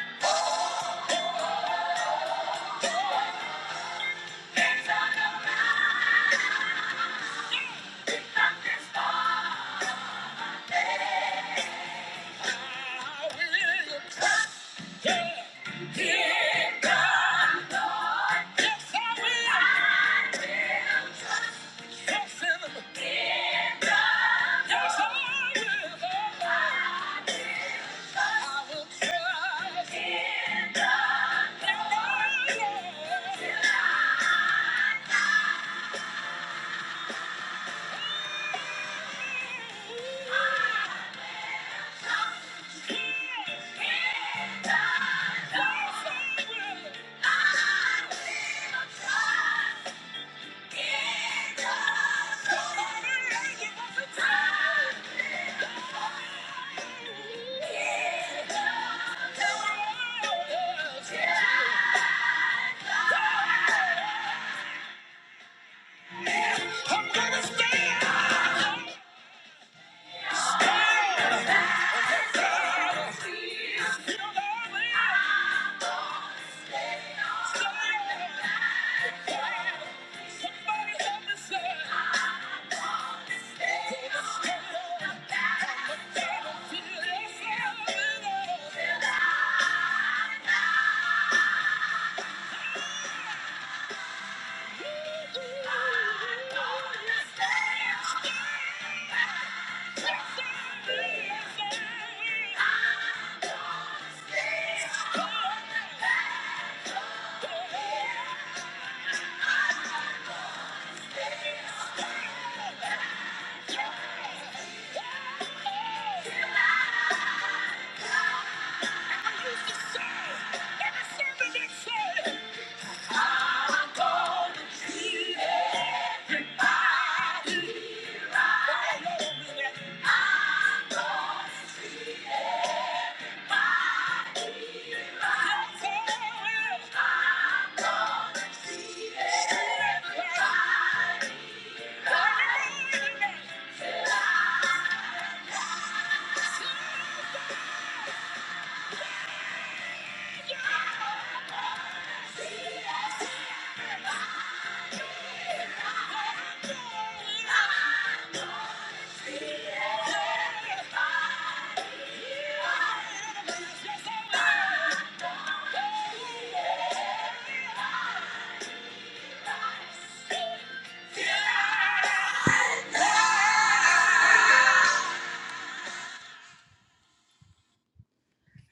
A: It's on the rise. It's on the storm. Yeah. I'm gonna stay out. Stay out. Yeah. Yeah. Everybody, yeah. Yeah!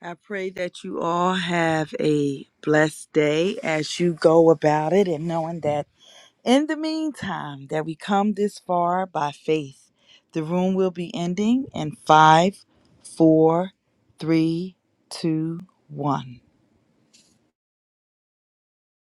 A: I pray that you all have a blessed day as you go about it and knowing that in the meantime that we come this far by faith. The room will be ending in five, four, three, two, one.